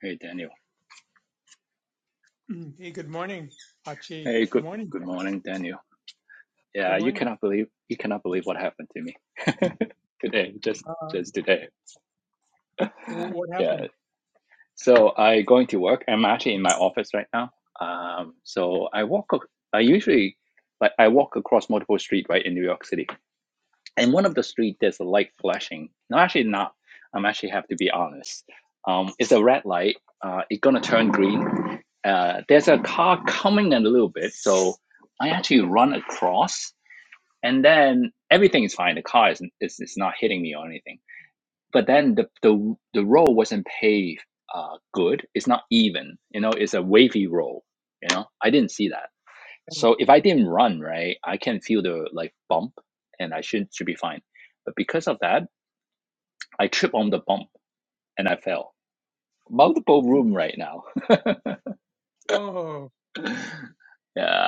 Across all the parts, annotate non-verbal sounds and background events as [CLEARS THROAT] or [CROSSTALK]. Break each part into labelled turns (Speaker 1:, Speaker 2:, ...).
Speaker 1: Hey, Daniel.
Speaker 2: Mm, Hey, good morning, Achi.
Speaker 1: Hey,
Speaker 2: Good
Speaker 1: good
Speaker 2: morning.
Speaker 1: good morning, Daniel.
Speaker 2: Good
Speaker 1: Yeah, you
Speaker 2: morning.
Speaker 1: cannot believe you cannot believe what happened to me [LAUGHS] today, just
Speaker 2: Uh,
Speaker 1: just today.
Speaker 2: wh- what
Speaker 1: Yeah.
Speaker 2: happened?
Speaker 1: So I going to work. I'm actually in my office right now. Um, so I walk. ac- I usually like I walk across multiple street right in New York City. in one of the street there's a light flashing no actually not i'm actually have to be honest um it's a red light uh it's gonna turn green uh there's a car coming in a little bit so i actually run across and then everything is fine the car is, is, is not hitting me or anything but then the the, the road wasn't paved uh good it's not even you know it's a wavy road you know i didn't see that so if I didn't run, right, I can feel the like bump and I should should be fine. But because of that, I trip on the bump and I fell. Multiple room right now.
Speaker 2: Oh,
Speaker 1: [LAUGHS] yeah,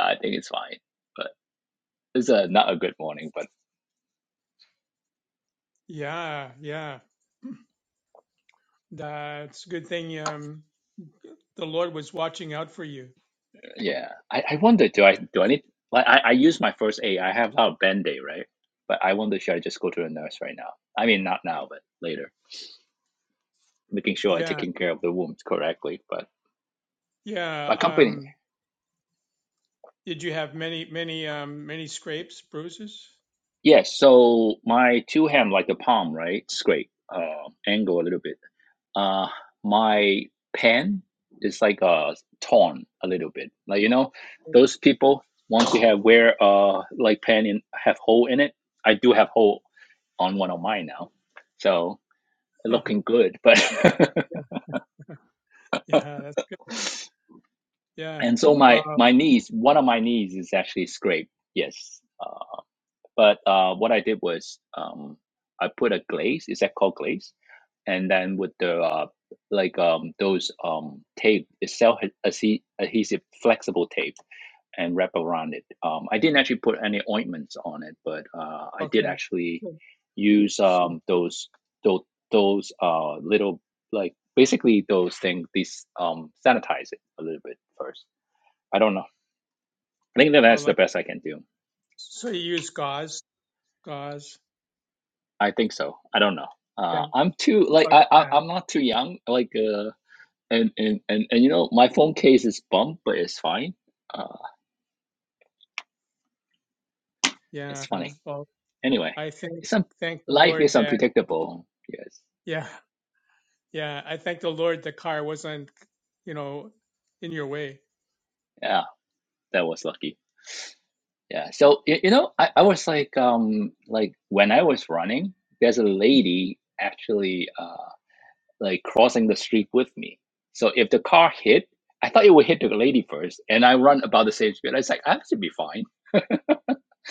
Speaker 1: I think it's fine. But it's a, not a good morning, but
Speaker 2: yeah, yeah. That's a good thing. Um, the Lord was watching out for you.
Speaker 1: yeah. I, I wonder do I do I need like I, I use my first aid. I have a band aid, right? But I wonder should I just go to the nurse right now? I mean not now, but later. Making sure I'm
Speaker 2: Yeah,
Speaker 1: taking care of the wounds correctly. But
Speaker 2: yeah.
Speaker 1: my company
Speaker 2: Um, did you have many, many, um, many scrapes, bruises? [LAUGHS]
Speaker 1: Yes, so my two hand like the palm, right? Scrape, uh, angle a little bit. Uh, my pen is like uh torn a little bit. Like you know, those people want to have wear uh like pen in have hole in it. I do have hole on one of mine now, so
Speaker 2: Huh,
Speaker 1: looking good. But
Speaker 2: yeah, yeah. That's good.
Speaker 1: [LAUGHS]
Speaker 2: Yeah.
Speaker 1: and so my
Speaker 2: Well,
Speaker 1: my knees, one of my knees is actually scraped. Yes, uh, but uh, what I did was um I put a glaze. Is that called glaze? and then with the uh, like um, those um, tape it's self adhe- adhesive flexible tape and wrap around it. Um, I didn't actually put any ointments on it, but uh, I did
Speaker 2: okay.
Speaker 1: actually
Speaker 2: So,
Speaker 1: use
Speaker 2: so,
Speaker 1: um, those those those uh, little like basically those things. These um, sanitize it a little bit first. I don't know. I think that
Speaker 2: oh,
Speaker 1: that's the
Speaker 2: like
Speaker 1: best I can do.
Speaker 2: so, you use gauze, gauze,
Speaker 1: I think so. I don't know.
Speaker 2: yeah,
Speaker 1: Uh, I'm too like
Speaker 2: like
Speaker 1: I,
Speaker 2: a
Speaker 1: I
Speaker 2: pad.
Speaker 1: I'm not too young. Like uh, and and and, and you know my phone case is bumped but it's fine uh
Speaker 2: Yeah.
Speaker 1: it's funny
Speaker 2: Well,
Speaker 1: anyway
Speaker 2: I think
Speaker 1: it's some
Speaker 2: thank the
Speaker 1: life
Speaker 2: Lord
Speaker 1: is
Speaker 2: that
Speaker 1: unpredictable yes
Speaker 2: yeah Yeah, I thank the Lord the car wasn't, you know, in your way.
Speaker 1: yeah that was lucky yeah so you, you know I, I was like um like when i was running there's a lady actually uh like crossing the street with me so if the car hit i thought it would hit the lady first and i run about the same speed i was like i should be fine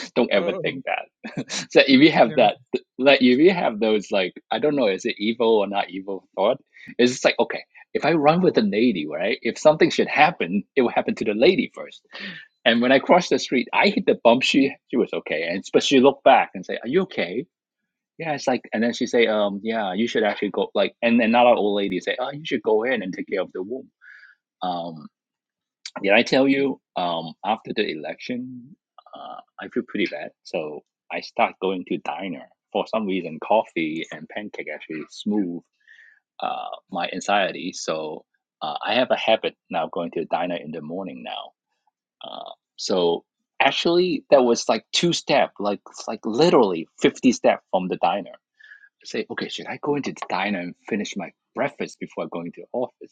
Speaker 1: [LAUGHS] don't ever
Speaker 2: Oh,
Speaker 1: think that. [LAUGHS] so if you have
Speaker 2: yeah.
Speaker 1: that, like if you have those, like I don't know, is it evil or not evil thought? It's just like okay, if I run with a lady, right? If something should happen, it will happen to the lady first. And when I crossed the street, I hit the bump. She she was okay, and but she looked back and say, "Are you okay?" Yeah, it's like, and then she say, "Um, yeah, you should actually go." Like, and another old lady say, "Oh, you should go in and take care of the womb." Um, did I tell you? Um, after the election, uh, I feel pretty bad, so I start going to diner for some reason. Coffee and pancake actually smooth uh, my anxiety, so uh, I have a habit now going to diner in the morning now. Uh, so actually, that was like two step, like like literally fifty step from the diner. I say, okay, should I go into the diner and finish my breakfast before going to office?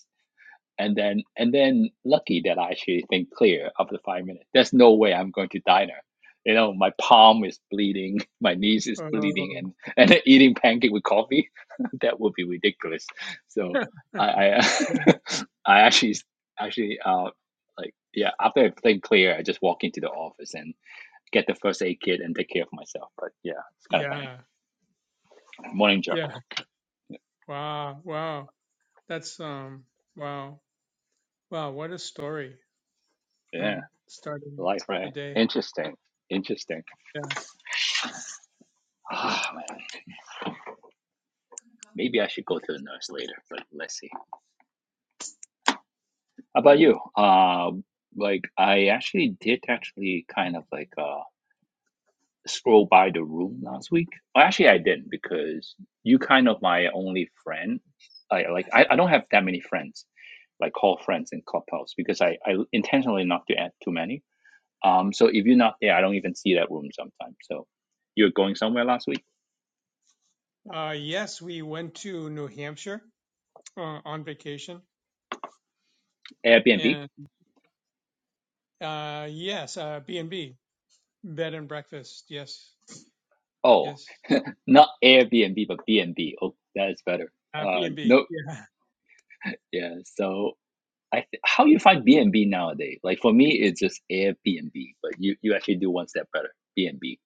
Speaker 1: and then and then lucky that I actually think clear after five minutes. There's no way I'm going to diner. You know, my palm is bleeding, [LAUGHS] my knees is bleeding,
Speaker 2: Oh,
Speaker 1: and and [LAUGHS] eating pancake with coffee, [LAUGHS] that would be ridiculous. So
Speaker 2: [LAUGHS]
Speaker 1: I I, [LAUGHS] I actually actually uh like yeah after I think clear, I just walk into the office and get the first aid kit and take care of myself. But yeah, it's kind of funny.
Speaker 2: yeah.
Speaker 1: Morning job.
Speaker 2: Yeah. Wow. Wow. That's, um, wow. Wow. What a story.
Speaker 1: Yeah,
Speaker 2: Mm, starting
Speaker 1: life
Speaker 2: the
Speaker 1: right.
Speaker 2: day.
Speaker 1: Interesting. Interesting.
Speaker 2: Yeah.
Speaker 1: Ah man. Maybe I should go
Speaker 2: Okay.
Speaker 1: to the nurse later, but let's see. How about you? Uh, like I actually did actually kind of like uh scroll by the room last week. Well, actually, I didn't because you kind of my only friend. I like I, I don't have that many friends like call friends in Clubhouse because I I intentionally not to add too many. Um, so if you're not there, I don't even see that room sometimes. So you're going somewhere last week?
Speaker 2: Uh, yes, we went to New Hampshire uh, on vacation.
Speaker 1: Airbnb?
Speaker 2: And uh, yes, uh, B&B, bed and breakfast. Yes.
Speaker 1: Oh,
Speaker 2: Yes.
Speaker 1: not Airbnb, but B and B. Oh, that is better.
Speaker 2: Uh,
Speaker 1: Uh,
Speaker 2: B&B.
Speaker 1: no, Yeah. So I th- how you find B and B nowadays? Like for me, it's just Airbnb, but you you actually do one step better. B and B.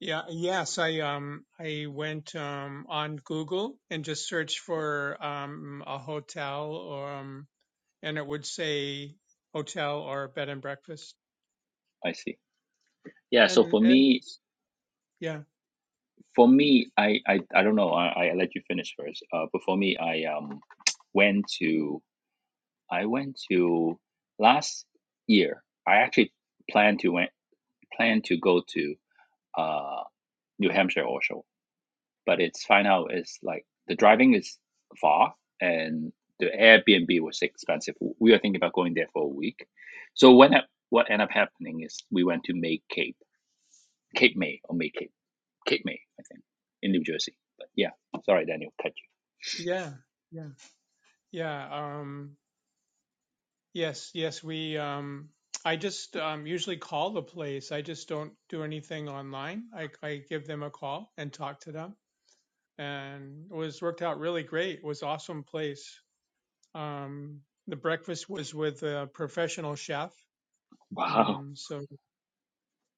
Speaker 2: Yeah, yes, I um I went um on Google and just searched for um a hotel or um and it would say hotel or bed and breakfast.
Speaker 1: I see. Yeah. So for
Speaker 2: And and
Speaker 1: me,
Speaker 2: it's- yeah,
Speaker 1: for me, I I, I don't know. I, I let you finish first. Uh, but for me, I um [TSK] went to I went to last year. I actually planned to went planned to go to uh New Hampshire also but it's find out is like the driving is far and the Airbnb was expensive. We were thinking about going there for a week. So when I- what ended up happening is we went to May Cape, Cape May or May Cape, Cape May, I think, in New Jersey. But yeah, sorry, Daniel, cut you.
Speaker 2: yeah, yeah. Yeah, um yes, yes, we um I just um usually call the place. I just don't do anything online. I I give them a call and talk to them. And it was worked out really great. It was awesome place. Um, the breakfast was with a professional chef.
Speaker 1: Wow,
Speaker 2: Um, so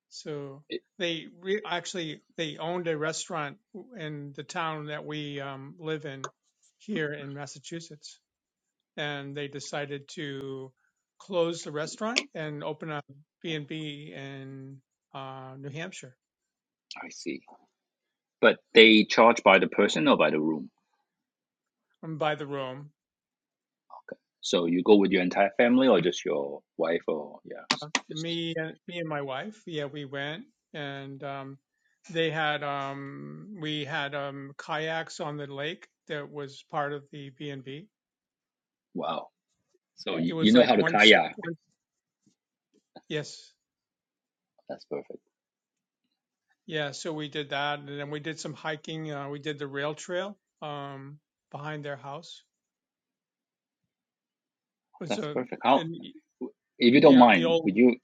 Speaker 2: so
Speaker 1: It-
Speaker 2: they re- actually they owned a restaurant in the town that we um, live in here in Massachusetts, and they decided to close the restaurant and open a B and B in uh, New Hampshire
Speaker 1: I see. But they charge by the person or by the room.
Speaker 2: I'm by the room.
Speaker 1: Okay. So you go with your entire family or just your wife or yeah, just
Speaker 2: me and me and my wife yeah we went and um they had um we had um kayaks on the lake that was part of the b&b
Speaker 1: wow. So
Speaker 2: it
Speaker 1: you, you
Speaker 2: was
Speaker 1: know
Speaker 2: like
Speaker 1: how to
Speaker 2: one, se-
Speaker 1: kayak.
Speaker 2: one yes
Speaker 1: That's perfect.
Speaker 2: yeah so we did that and then we did some hiking uh, we did the rail trail um behind their house it's
Speaker 1: That's
Speaker 2: a
Speaker 1: perfect. How
Speaker 2: and
Speaker 1: If you
Speaker 2: you
Speaker 1: don't
Speaker 2: know the
Speaker 1: mind,
Speaker 2: old
Speaker 1: would you?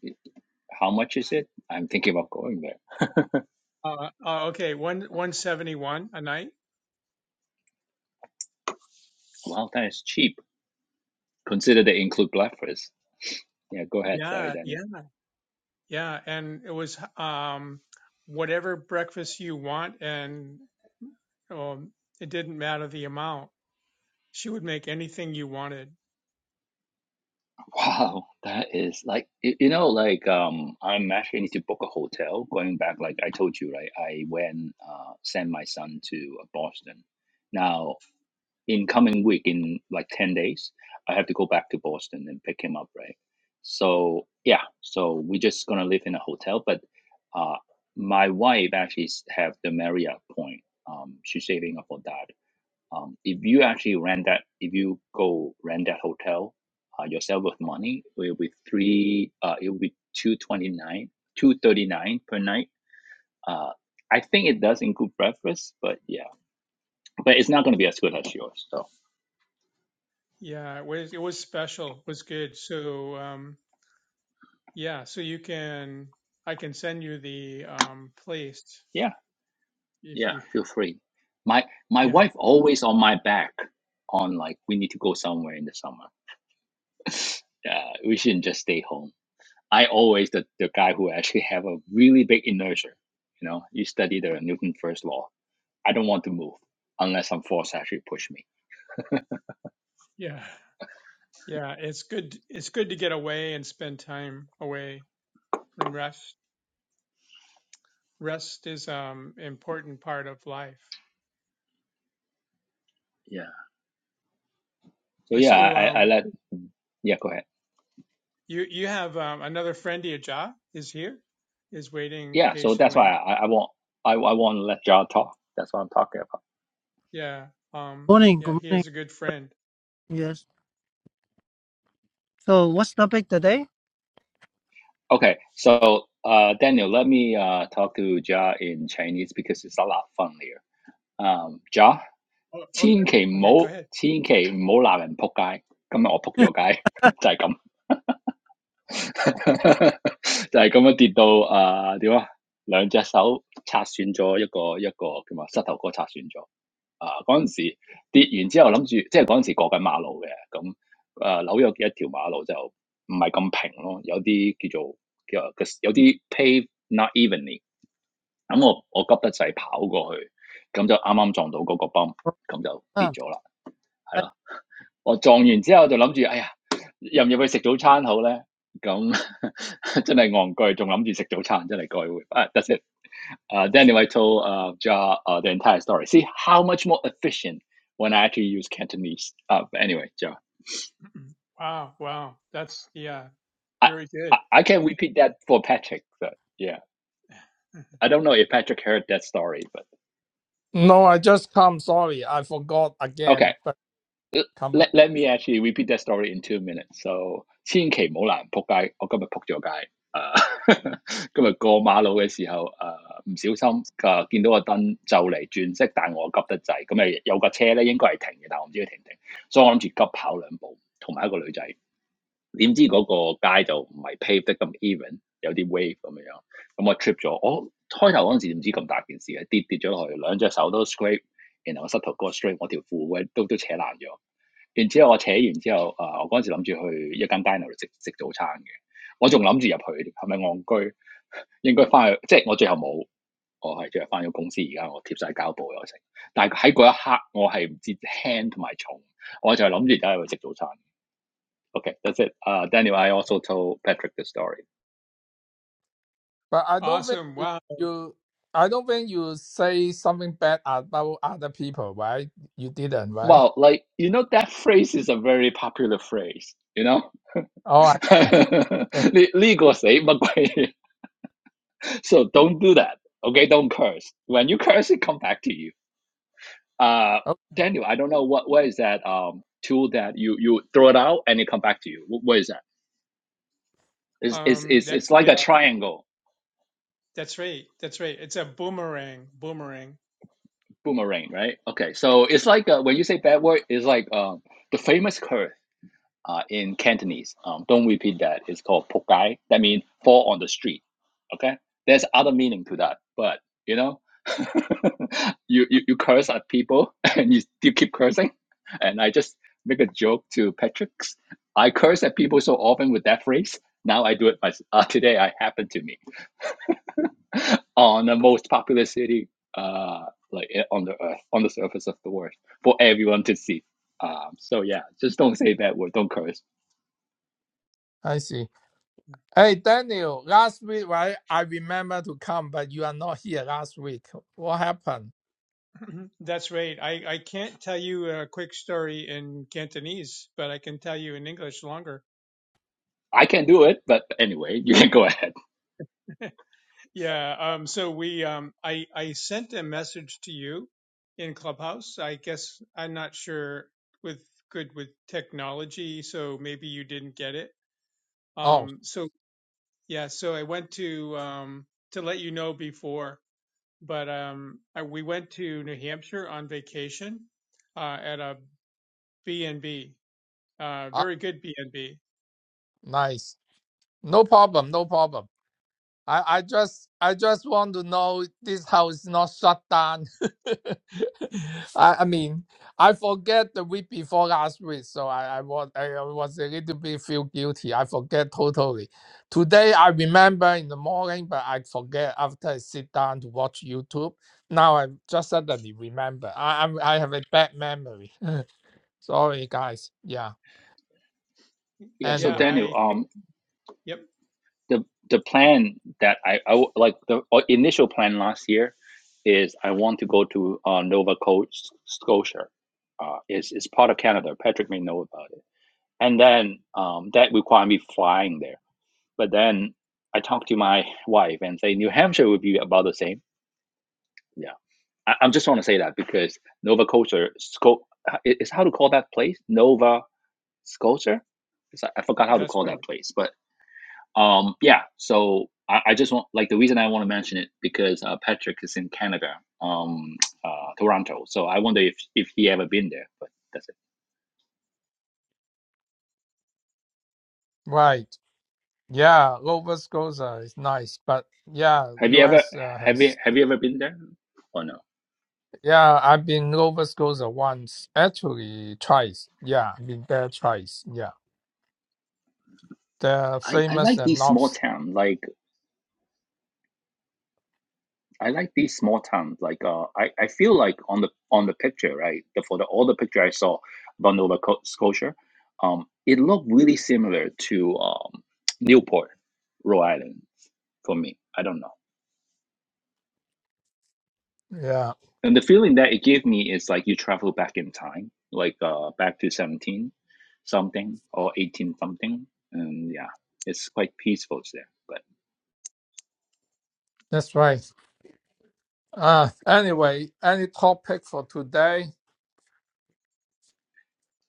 Speaker 1: How much is it? I'm thinking about going there.
Speaker 2: uh, uh okay one 171 a night
Speaker 1: Wow, that is cheap. Consider they include breakfast. Yeah, go ahead. Sorry,
Speaker 2: yeah yeah
Speaker 1: Daniel.
Speaker 2: yeah and it was um whatever breakfast you want and Um, it didn't matter the amount. She would make anything you wanted.
Speaker 1: Wow, that is like y- you know, like um, I'm actually need to book a hotel. Going back, like I told you, right? I went uh, sent my son to uh, Boston. Now in coming week in like 10 days i have to go back to boston and pick him up right so yeah so we're just gonna live in a hotel but uh my wife actually s- have the marriott point um she's saving up for that um if you actually rent that if you go rent that hotel uh, yourself with money it'll be three uh it'll be 229 239 per night uh i think it does include breakfast but yeah but it's not going to be as good as yours so
Speaker 2: Yeah, it was it was special. It was good. So um, yeah, so you can I can send you the um, place
Speaker 1: yeah
Speaker 2: if
Speaker 1: Yeah,
Speaker 2: you
Speaker 1: feel free. My my
Speaker 2: yeah
Speaker 1: wife always on my back on like we need to go somewhere in the summer. [LAUGHS] yeah, we shouldn't just stay home. I always the, the guy who actually [LAUGHS] have a really big inertia. You know, you study the Newton first law. I don't want to move unless some force actually push me.
Speaker 2: yeah yeah. It's good. It's good to get away and spend time away and rest. Rest is um important part of life.
Speaker 1: Yeah. So
Speaker 2: Yeah.
Speaker 1: yeah,
Speaker 2: So
Speaker 1: I, I I
Speaker 2: um,
Speaker 1: let yeah go ahead.
Speaker 2: you you have um, another friend, Ajah, is here, is waiting
Speaker 1: Yeah. So that's
Speaker 2: patiently.
Speaker 1: why I I want I I want to let Ja talk. That's what I'm talking about.
Speaker 2: Yeah. Um,
Speaker 3: Morning,
Speaker 2: yeah,
Speaker 3: good
Speaker 2: he
Speaker 3: morning.
Speaker 2: is a good friend.
Speaker 3: Yes. So, what's the topic today?
Speaker 1: Okay, so uh, Daniel, let me uh, talk to Ja in Chinese because it's a lot funnier.
Speaker 2: Oh, okay. Okay, go ahead.
Speaker 3: [LAUGHS]
Speaker 1: 嗯，仲有千祈唔好，千祈唔好鬧人仆街。今日我仆咗街，就係咁，就係咁樣跌到啊點啊，兩隻手拆損咗一個一個叫乜膝頭哥拆損咗。啊嗰陣時跌完之後諗住，即係嗰陣時過緊馬路嘅，咁啊紐約嘅一條馬路就唔係咁平咯，有啲叫做叫有啲 [LAUGHS] pave not evenly。
Speaker 3: Oh, ah, I-
Speaker 1: 咁我我急得滯跑過去，咁就啱啱撞到嗰個泵，咁就跌咗啦，係咯。我撞完之後就諗住，哎呀，入唔入去食早餐好咧？咁 [LAUGHS] 真係戇居，仲諗住食早餐，真係該會。啊、that's it. Uh, Daniel, [LAUGHS] I told uh, Ja uh, the entire story. See how much more efficient when I actually use Cantonese. Uh, anyway, Ja,
Speaker 2: [CLEARS THROAT] Wow, wow. That's yeah,
Speaker 1: I,
Speaker 2: very
Speaker 1: I
Speaker 2: good.
Speaker 1: I can repeat that for Patrick. But yeah,
Speaker 2: [LAUGHS]
Speaker 1: I don't know if Patrick heard that story, but
Speaker 4: No, I just come. Sorry, I forgot
Speaker 1: okay.
Speaker 4: again. But come, ag-
Speaker 1: let let me actually repeat that story in two minutes. So 千祈唔好難仆街。我今日仆咗街。誒、今日過馬路嘅時候，誒、唔小心誒、見到個燈就嚟轉色，但我急得滯，咁誒有架車咧應該係停嘅，但我唔知佢停唔停，所以我諗住急跑兩步，同埋一個女仔，點知嗰個街就唔係 [LAUGHS] paved 得咁 even，有啲 [LAUGHS] wave 咁樣樣，咁我 trip 咗，我開頭嗰陣時唔知咁大件事嘅，跌跌咗落去，兩隻手都 scrape，然後我膝頭哥 scrape，我條褲都都扯爛咗。然之後我扯完之後，啊、我嗰陣時諗住去一間 diner 度食食早餐嘅，我仲諗住入去，係咪戇居？應該翻去，即係我最後冇，我係最後翻咗公司，而家我貼晒膠布又成。但係喺嗰一刻，我係唔知輕同埋重，我就係諗住而家入去食早餐。Okay, that's it. Uh, Daniel, I also told Patrick the story.
Speaker 4: but I don't think
Speaker 2: Awesome.
Speaker 4: you.
Speaker 2: Wow.
Speaker 4: you- I don't think you say something bad about other people, right? You didn't, right?
Speaker 1: Well, like you know, that phrase is a very popular phrase. You know,
Speaker 4: Oh,
Speaker 1: [LAUGHS]
Speaker 4: I,
Speaker 1: so
Speaker 4: that-
Speaker 1: do don't do that. Okay, don't curse. When you curse, it come back to you. Uh,
Speaker 4: oh,
Speaker 1: Daniel, I don't know what what is that um tool that you you throw it out and it come back to you. What, what is that? It's, it's
Speaker 2: Um,
Speaker 1: it's
Speaker 2: that's
Speaker 1: it's like
Speaker 2: yeah,
Speaker 1: a triangle
Speaker 2: that's right. That's right. It's a boomerang, boomerang.
Speaker 1: boomerang, right? Okay, so it's like uh when you say bad word, it's like um the famous curse. uh, in Cantonese. Um, don't repeat that. It's called pokai. That means fall on the street. Okay, there's other meaning to that, but you know, [LAUGHS] you, you you curse at people [LAUGHS] and you you keep cursing, and I just make a joke to Patrick. I curse at people so often with that phrase. Now I do it myself. [LAUGHS] Uh, today I happened to me on the most popular city, uh, like eh, on the earth, on the surface of the world, for everyone to see. Um, so yeah, just don't say that word. Don't curse
Speaker 4: I see. Hey, Daniel, last week, right? I remember to come, but you are not here last week. What happened?
Speaker 2: [CLEARS THROAT] That's right. I, I can't tell you a quick story in Cantonese, but I can tell you in English longer.
Speaker 1: I can do it, but anyway, [LAUGHS] you can go ahead.
Speaker 2: Yeah. Um, so we, um, I, I sent a message to you in Clubhouse. I guess I'm not sure with good with technology, so maybe you didn't get it.
Speaker 4: Oh,
Speaker 2: Um, so yeah, so I went to, um, to let you know before, but, um, I, we went to New Hampshire on vacation, uh, at a B and b uh,
Speaker 4: ah,
Speaker 2: very good B&B
Speaker 4: nice. No problem. No problem. I, I just I just want to know this house is not shut down. [LAUGHS] I, I mean I forget the week before last week, so I, I was I was a little bit feel guilty. I forget totally. Today I remember in the morning, but I forget after I sit down to watch YouTube. Now I just suddenly remember. I I'm, I have a bad memory. [LAUGHS] Sorry guys. Yeah.
Speaker 1: Yeah. So
Speaker 2: Yeah,
Speaker 4: Anyway,
Speaker 1: Daniel,
Speaker 2: I,
Speaker 1: um,
Speaker 2: yep,
Speaker 1: the the plan that I, I w- like the uh, initial plan last year is I want to go to uh, Nova Coast, Scotia. Uh, it's, it's part of Canada. Patrick may know about it. And then um, that required me flying there. But then I talked to my wife and say New Hampshire would be about the same. Yeah. I, I just want to say that because Nova Scotia, Sco- it- how to call that place? Nova. Sculpture? It's, like, I forgot how to
Speaker 2: that's
Speaker 1: call
Speaker 2: right.
Speaker 1: that place, but um, yeah. So I, I just want like the reason I want to mention it because uh, Patrick is in Canada, um, uh, Toronto. So I wonder if if he ever been there. But that's it.
Speaker 4: right. Yeah, Nova Scotia is nice, but yeah,
Speaker 1: Have you ever
Speaker 4: US uh,
Speaker 1: have you
Speaker 4: has
Speaker 1: have you ever been there? Or no?
Speaker 4: yeah, I've been Nova Scotia once, actually twice. Yeah, I've been there twice. Yeah, they're
Speaker 1: I I
Speaker 4: famous
Speaker 1: like
Speaker 4: and
Speaker 1: these small
Speaker 4: knobs.
Speaker 1: towns. Like I like these small towns. Like uh, I, I feel like on the on the picture, right? The, for the all the picture I saw about Nova Co- Scotia, um, it looked really similar to um, Newport, Rhode Island, for me. I don't know.
Speaker 4: Yeah,
Speaker 1: And the feeling that it gave me is like you travel back in time, like uh, back to seventeen something or eighteen something, and yeah, it's quite peaceful there. but.
Speaker 4: that's right. Uh anyway, any topic for today?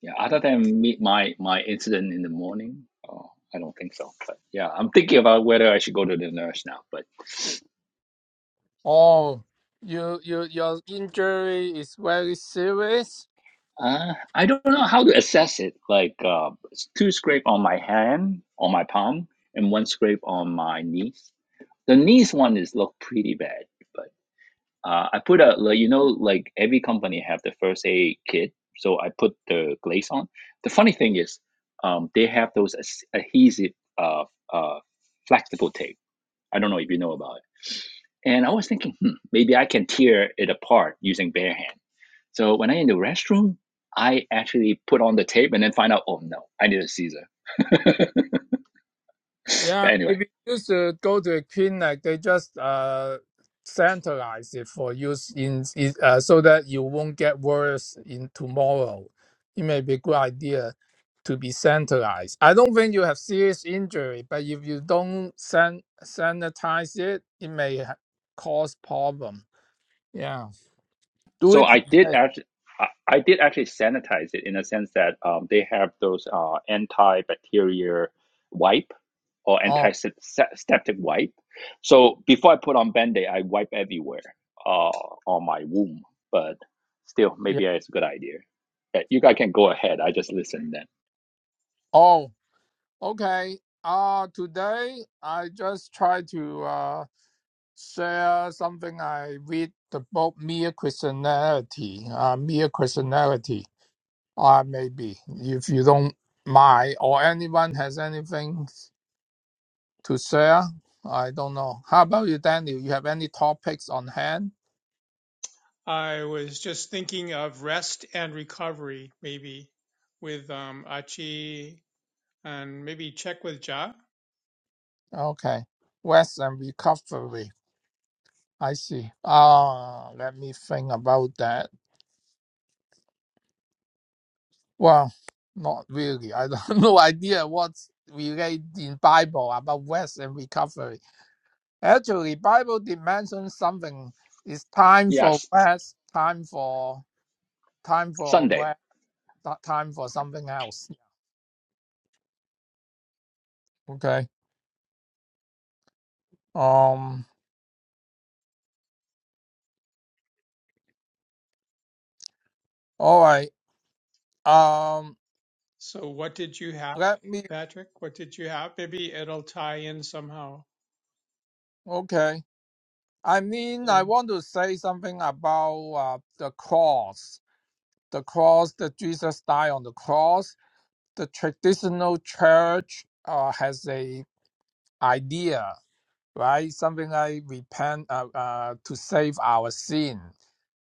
Speaker 1: Yeah, other than me, my my incident in the morning, oh, I don't think so. But yeah, I'm thinking about whether I should go to the nurse now. But
Speaker 4: Oh, you you your injury is very serious.
Speaker 1: uh, I don't know how to assess it. Like uh, two scrape on my hand, on my palm, and one scrape on my knees. The knees one is look pretty bad, but uh, I put a like, you know like every company have the first aid kit, so I put the glaze on. The funny thing is, um, they have those as- adhesive uh, uh, flexible tape I don't know if you know about it. And I was thinking, hmm, maybe I can tear it apart using bare hand. So when I in the restroom, I actually put on the tape and then find out, oh no, I need a Caesar. [LAUGHS] but
Speaker 4: Yeah,
Speaker 1: anyway,
Speaker 4: maybe you should go to a clinic. They just uh centralize it for use in, in uh, so that you won't get worse in tomorrow. It may be a good idea to be centralized. I don't think you have serious injury, but if you don't san- sanitize it, it may ha- cause problem. Yeah, do
Speaker 1: so
Speaker 4: it
Speaker 1: I did
Speaker 4: today.
Speaker 1: actually. I I did actually sanitize it in a sense that um, they have those uh, antibacterial wipe or
Speaker 4: Oh,
Speaker 1: antiseptic wipe. So before I put on Band-Aid, I wipe everywhere uh, on my wound. But still,
Speaker 4: yeah.
Speaker 1: maybe it's a good idea. Yeah, you guys can go ahead. I just listen then.
Speaker 4: Oh, okay. Uh today I just try to. uh. share something I read the book Mere Christianity, uh, Mere Christianity, or maybe if you don't mind, or anyone has anything to share, I don't know. How about you, Daniel? You have any topics on hand?
Speaker 2: I was just thinking of rest and recovery, maybe with um, Achi and maybe check with Ja.
Speaker 4: Okay, rest and recovery. I see. Ah, let me think about that. Well, not really. I don't [LAUGHS] no idea what's related in Bible about rest and recovery. Actually, Bible dimension something It's time for
Speaker 1: Yes,
Speaker 4: rest, time for time for
Speaker 1: Sunday.
Speaker 4: rest, time for something else. Okay. Um. All right. Um.
Speaker 2: So, what did you have,
Speaker 4: Let me.
Speaker 2: Patrick? What did you have? Maybe it'll tie in somehow.
Speaker 4: Okay. I mean, I
Speaker 2: And
Speaker 4: want to say something about uh, the cross, the cross that Jesus died on the cross. The traditional church uh, has a idea, right? Something like repent uh, uh, to save our sin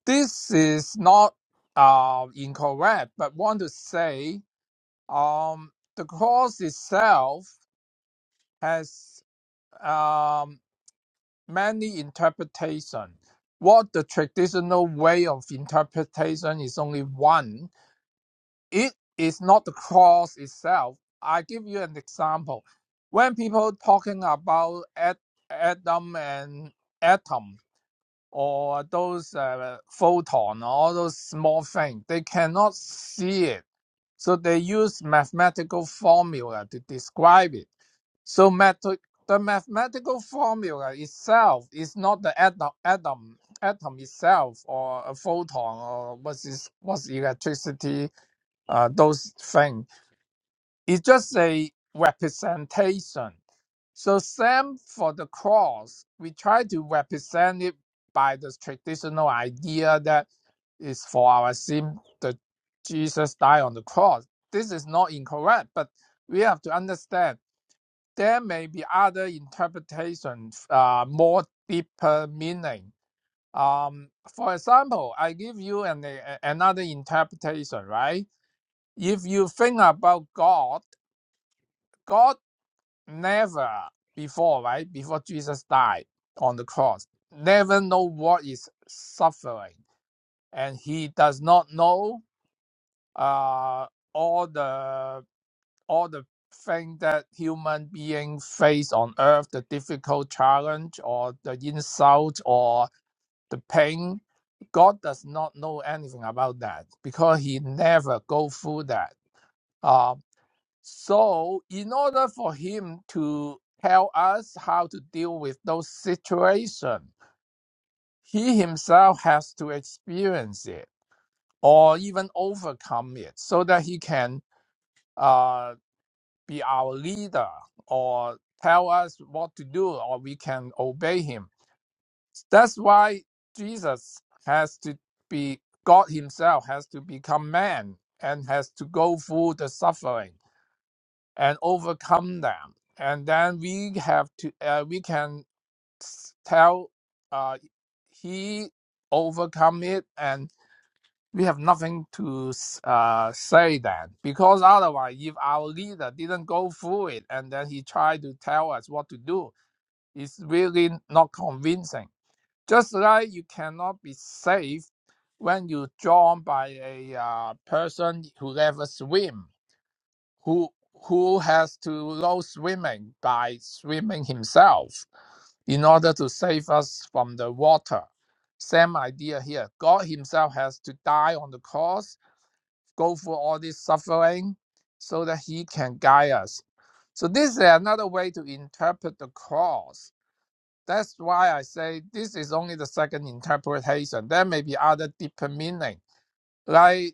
Speaker 4: this is not uh, incorrect, but want to say um, the clause itself has um, many interpretation. What the traditional way of interpretation is only one. It is not the clause itself. I give you an example. When people talking about Ad- Adam and atom. or those uh, photon all those small things. They cannot see it. So they use mathematical formula to describe it. So math- the mathematical formula itself is not the atom, atom, atom itself or a photon or what's, this, what's electricity, uh, those things. It's just a representation so same for the cross. We try to represent it by the traditional idea that is for our sin that Jesus died on the cross. This is not incorrect, but we have to understand there may be other interpretations, uh, more deeper meaning. Um, for example, I give you an, a- another interpretation, right? If you think about God, God never before, right? Before Jesus died on the cross, never know what is suffering, and he does not know uh, all the all the thing that human being face on earth, the difficult challenge or the insult or the pain. God does not know anything about that because he never go through that. Uh, so, in order for him to tell us how to deal with those situations, he himself has to experience it or even overcome it so that he can uh, be our leader or tell us what to do or we can obey him. That's why Jesus has to be, God himself has to become man and has to go through the suffering and overcome them. And then we have to uh, we can tell uh, he overcome it, and we have nothing to uh, say then because otherwise, if our leader didn't go through it and then he tried to tell us what to do, it's really not convincing. Just like you cannot be safe when you drawn by a uh, person who never swim who who has to know swimming by swimming himself in order to save us from the water. Same idea here. God himself has to die on the cross, go through all this suffering so that he can guide us. So this is another way to interpret the cross. That's why I say this is only the second interpretation. There may be other deeper meaning. Like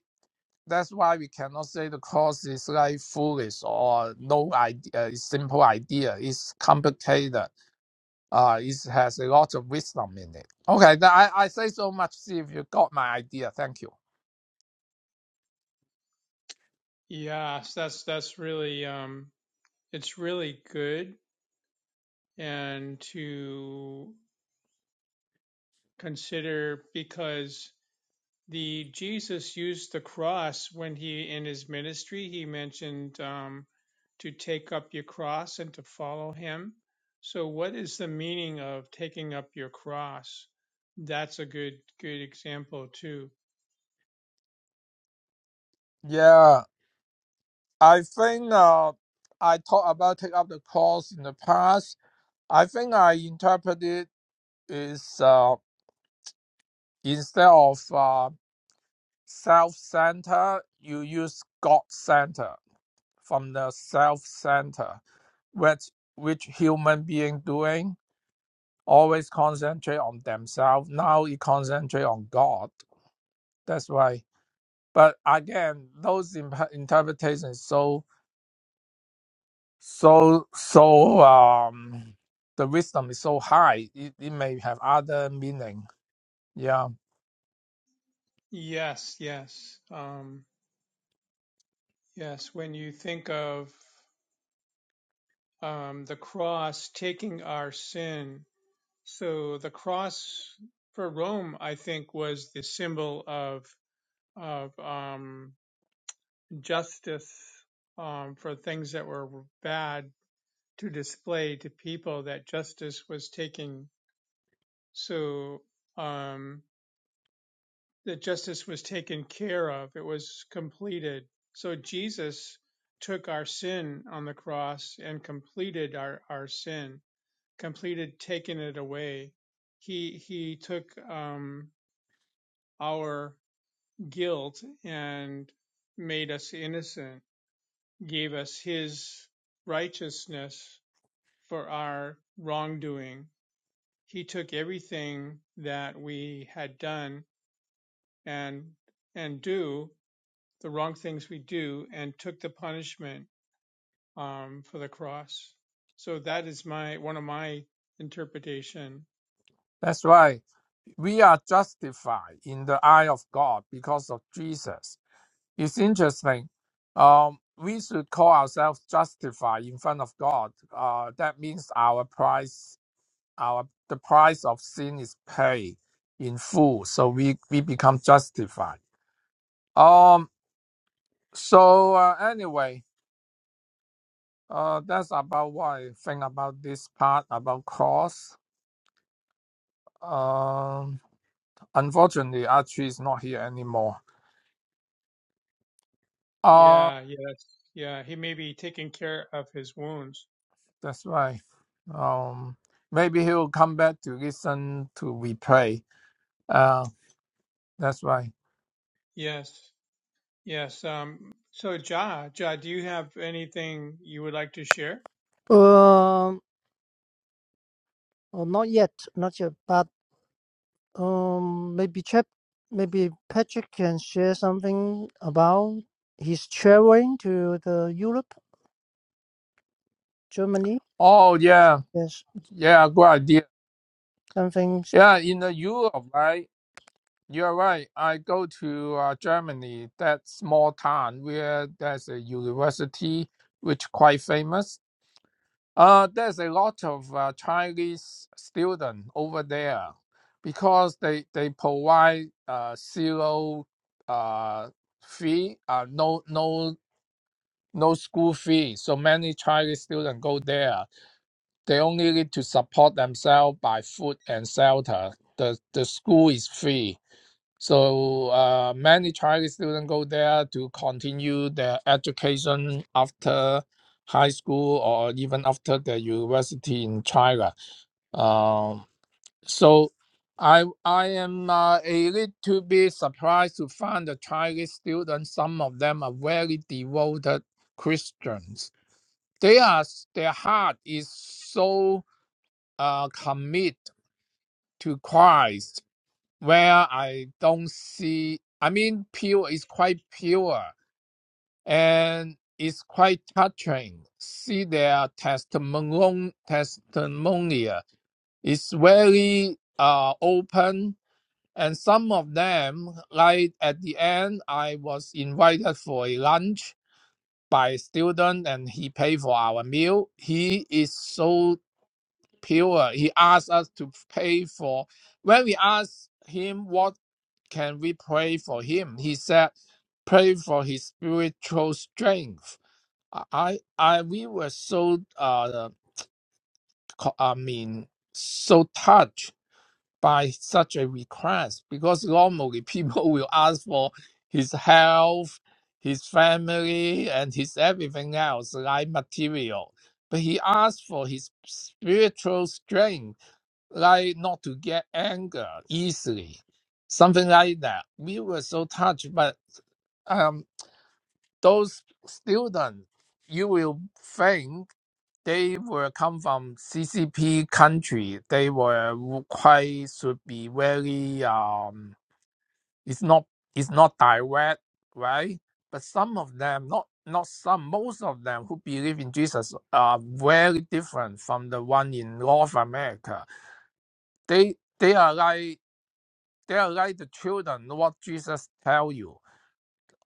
Speaker 4: that's why we cannot say the course is like foolish or no idea, it's simple idea. It's complicated. Uh, it has a lot of wisdom in it. Okay, th- I, I say so much. See if you got my idea. Thank you.
Speaker 2: yeah, so that's that's really um, it's really good and to consider because the Jesus used the cross when he in his ministry he mentioned um, to take up your cross and to follow him. So what is the meaning of taking up your cross? That's a good good example too.
Speaker 4: Yeah, I think uh, I talked about take up the course in the past. I think I interpreted is uh, instead of uh, self center, you use God center. from the self center, which which human being doing always concentrate on themselves. Now it concentrate on God. That's why. But again, those imp- interpretations so so so um the wisdom is so high. It, it may have other meaning. Yeah,
Speaker 2: Yes, yes, um, yes. When you think of um, the cross taking our sin, so the cross for Rome, I think, was the symbol of of um, justice um, for things that were bad to display to people that justice was taking so um, that justice was taken care of it was completed so jesus took our sin on the cross and completed our, our sin completed taking it away he he took um, our guilt and made us innocent gave us his righteousness for our wrongdoing. He took everything that we had done and and do the wrong things we do and took the punishment um, for the cross. So that is my one of my interpretation.
Speaker 4: that's why we are justified in the eye of God because of Jesus. It's interesting. Um, we should call ourselves justified in front of God. Uh, that means our price, our the price of sin is paid in full, so we we become justified. Um. So uh, anyway, uh, that's about what I think about this part about cross. Um. Unfortunately, Archie is not here anymore. Uh,
Speaker 2: Yeah, yes, yeah. He may be taking care of his wounds.
Speaker 4: that's right. Um. Maybe he'll come back to listen to replay Uh, that's right.
Speaker 2: Yes, yes. Um, so Ja, Ja, do you have anything you would like to share?
Speaker 3: Um, oh, not yet, not yet. But um, maybe Chap, maybe Patrick can share something about his traveling to the Europe, Germany.
Speaker 4: Oh yeah,
Speaker 3: Yes,
Speaker 4: yeah, good idea.
Speaker 3: something.
Speaker 4: Yeah, in the Europe, right? You're right. I go to uh, Germany, that small town where there's a university which quite famous. Uh, there's a lot of uh, Chinese student over there because they they provide uh, zero uh, fee, uh, no no no school fee. So many Chinese students go there They only need to support themselves by food and shelter. The, the school is free. So uh, many Chinese students go there to continue their education after high school or even after the university in China. Um, so I I am uh, a little bit surprised to find the Chinese students. Some of them are very devoted Christians. They are their heart is so uh, commit to Christ where I don't see, I mean, pure is quite pure and it's quite touching. See their testimony, Testimony It's very uh, open. And some of them, like at the end, I was invited for a lunch by a student and he paid for our meal. He is so pure. He asks us to pray for. When we ask him, what can we pray for him? He said, pray for his spiritual strength. I, I, I- we were so, uh, co- I mean, so touched by such a request because normally people [LAUGHS] will ask for his health, his family, and his everything else, like material. But he asked for his spiritual strength like not to get anger easily, something like that. We were so touched, but um, those students, you will think they were come from CCP country. They were quite should be very um. It's not it's not direct, right? But some of them, not not some, most of them who believe in Jesus are very different from the one in North America. They they are like They are like the children, what Jesus tell you.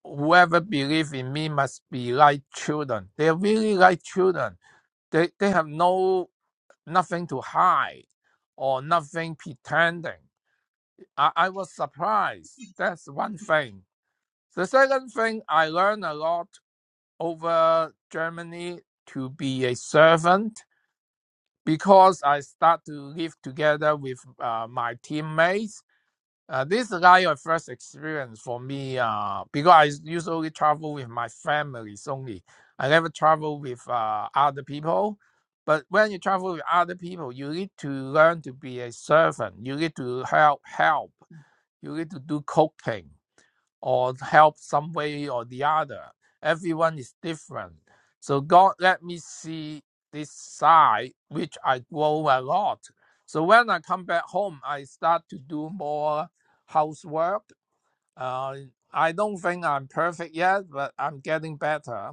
Speaker 4: Whoever believe in me must be like children. They are really like children. They they have no nothing to hide or nothing pretending. I, I was surprised. That's one thing. The second thing I learned a lot over Germany to be a servant because I start to live together with uh, my teammates Uh, this is not your first experience for me uh, because I usually travel with my families only. I never travel with uh, other people. But when you travel with other people, you need to learn to be a servant. You need to help, help. You need to do cooking or help some way or the other. Everyone is different. So God let me see this side, which I grow a lot. So when I come back home, I start to do more housework. Uh, I don't think I'm perfect yet, but I'm getting better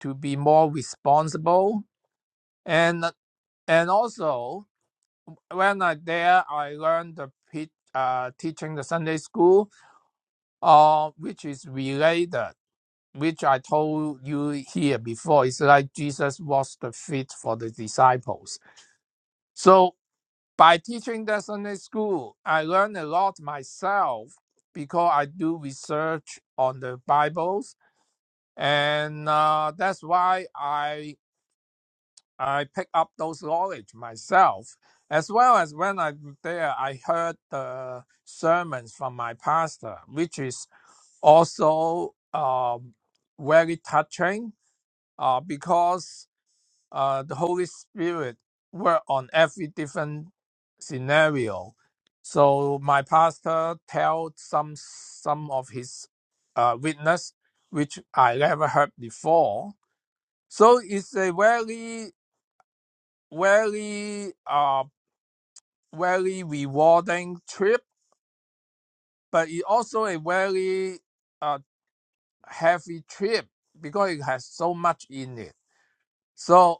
Speaker 4: to be more responsible. And and also when I there, I learned the uh, teaching the Sunday school, uh, which is related. which I told you here before, is like Jesus washed the feet for the disciples. So by teaching that Sunday school, I learned a lot myself because I do research on the Bibles, and uh, that's why I I pick up those knowledge myself. As well as when I'm there, I heard the sermons from my pastor, which is also um, very touching uh, because uh, the Holy Spirit work on every different scenario. So my pastor tell some some of his uh, witness, which I never heard before. So it's a very very uh very rewarding trip, but it also a very uh heavy trip because it has so much in it. So.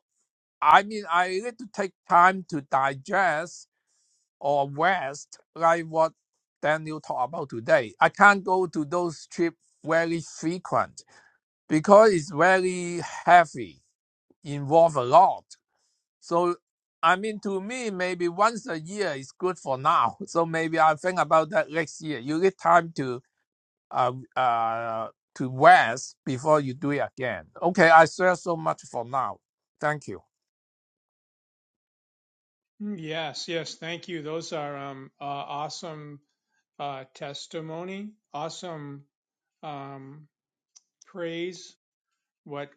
Speaker 4: I mean, I need to take time to digest or rest, like what Daniel talked about today. I can't go to those trips very frequent because it's very heavy, involve a lot. So, I mean, to me, maybe once a year is good for now. [LAUGHS] So maybe I'll think about that next year. You need time to uh, uh, to rest before you do it again. Okay, I share so much for now. Thank you.
Speaker 2: Mm, Yes, yes. Thank you. Those are um, uh, awesome uh, testimony, awesome um, praise, what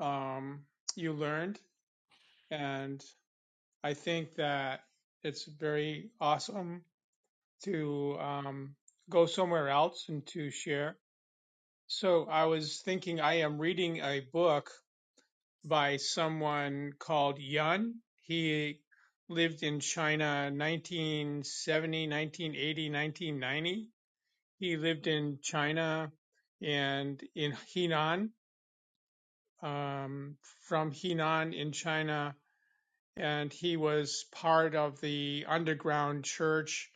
Speaker 2: um, you learned. And I think that it's very awesome to um, go somewhere else and to share. So I was thinking, I am reading a book by someone called Yun. He lived in China 1970, 1980, 1990 He lived in China and in Henan, um, from Henan in China, and he was part of the underground church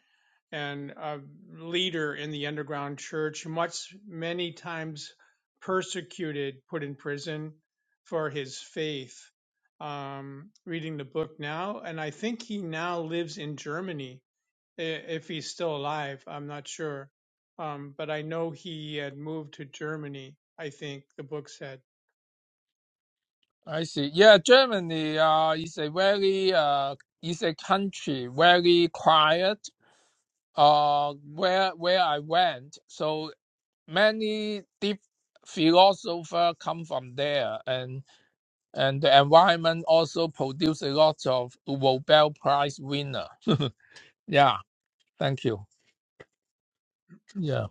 Speaker 2: and a leader in the underground church, much many times persecuted, put in prison for his faith. Um, reading the book now, and I think he now lives in Germany if he's still alive. I'm not sure, um, but I know he had moved to Germany. I think the book said
Speaker 4: I see. Yeah, Germany uh, is a very uh, is a country very quiet. Uh, where where I went, so many deep philosopher come from there, and and the environment also produce a lot of Nobel Prize winner. [LAUGHS] yeah, thank you. Yeah.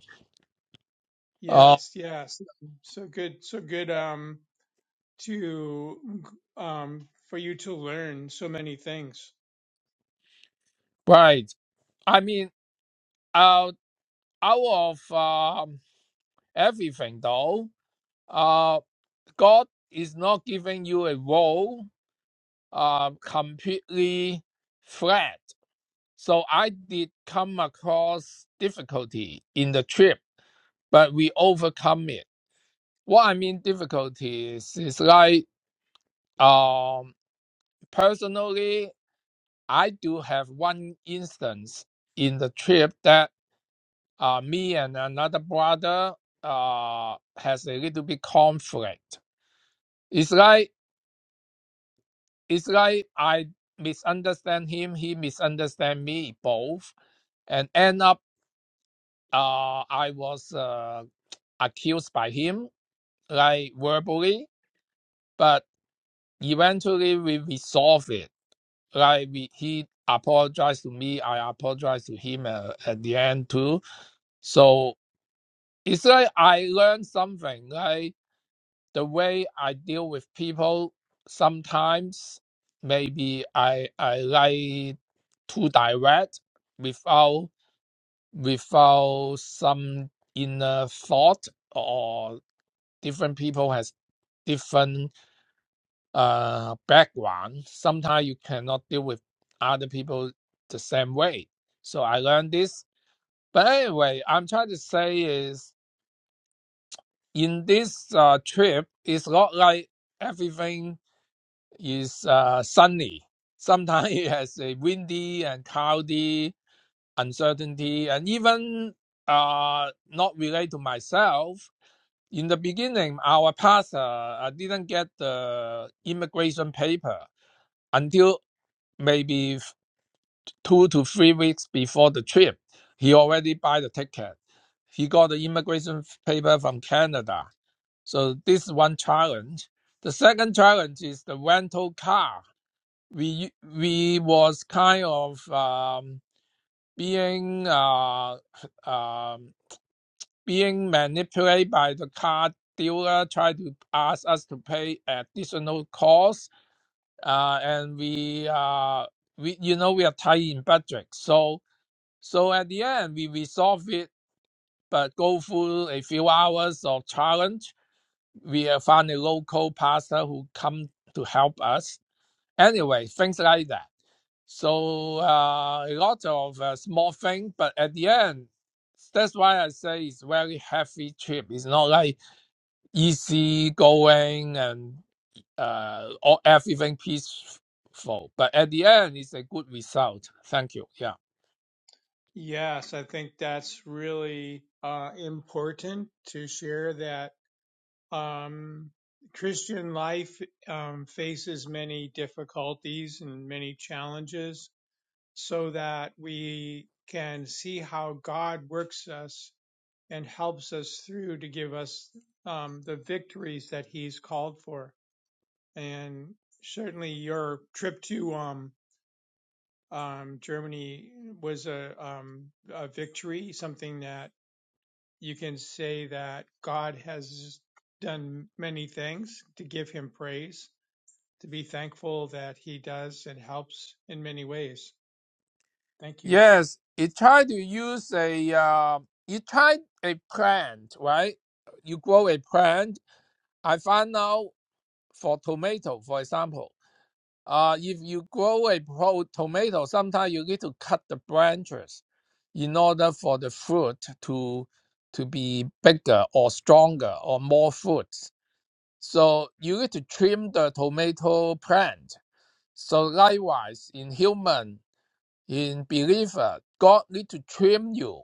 Speaker 4: Uh,
Speaker 2: yes, yes. So good, so good um, to um, for you to learn so many things.
Speaker 4: right. I mean, uh, out of um, everything though, uh, God is not giving you a role um, completely flat. So I did come across difficulty in the trip, but we overcome it. What I mean difficulties is like um, personally, I do have one instance in the trip that uh, me and another brother uh, has a little bit conflict. It's like it's like I misunderstand him, he misunderstand me both, and end up uh, I was uh, accused by him, like verbally, but eventually we resolved it. Like we, he apologized to me, I apologized to him uh, at the end too. So it's like I learned something. Like the way I deal with people, sometimes maybe I I like too direct without without some inner thought or. different people has different uh background sometimes you cannot deal with other people the same way so i learned this but anyway i'm trying to say is in this uh, trip it's not like everything is uh, sunny sometimes [LAUGHS] it has a windy and cloudy uncertainty and even uh, not related to myself in the beginning, our pastor uh, didn't get the immigration paper until maybe two to three weeks before the trip. He already buy the ticket. He got the immigration paper from Canada. So this is one challenge. The second challenge is the rental car. We we was kind of um, being uh, um, being manipulated by the car dealer try to ask us to pay additional costs uh, and we uh, we you know we are tight in budget so so at the end we resolve it but go through a few hours of challenge we uh, found a local pastor who come to help us anyway things like that so uh, a lot of uh, small things but at the end that's why I say it's very heavy trip. It's not like easy going and uh, all, everything peaceful. But at the end, it's a good result. Thank you. Yeah.
Speaker 2: Yes, I think that's really uh, important to share that um, Christian life um, faces many difficulties and many challenges so that we can see how God works us and helps us through to give us um, the victories that He's called for. And certainly, your trip to um, um, Germany was a, um, a victory, something that you can say that God has done many things to give Him praise, to be thankful that He does and helps in many ways. Thank you.
Speaker 4: Yes, it tried to use a uh, it tried a plant, right? You grow a plant. I found out for tomato, for example, uh, if you grow a pro- tomato, sometimes you need to cut the branches in order for the fruit to to be bigger or stronger or more fruits So you need to trim the tomato plant. So likewise, in human, in believer, God need to trim you.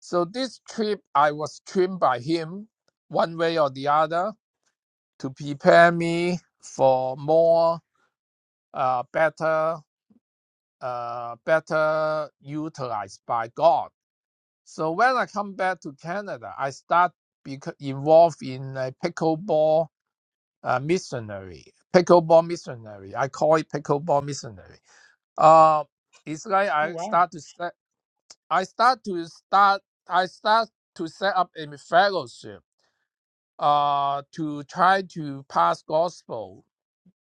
Speaker 4: So this trip, I was trimmed by Him, one way or the other, to prepare me for more, uh, better, uh, better utilized by God. So when I come back to Canada, I start bec- involved in a pickleball uh, missionary, pickleball missionary. I call it pickleball missionary. Uh, it's like I start to set, I start to start, I start to set up a fellowship. Uh, to try to pass gospel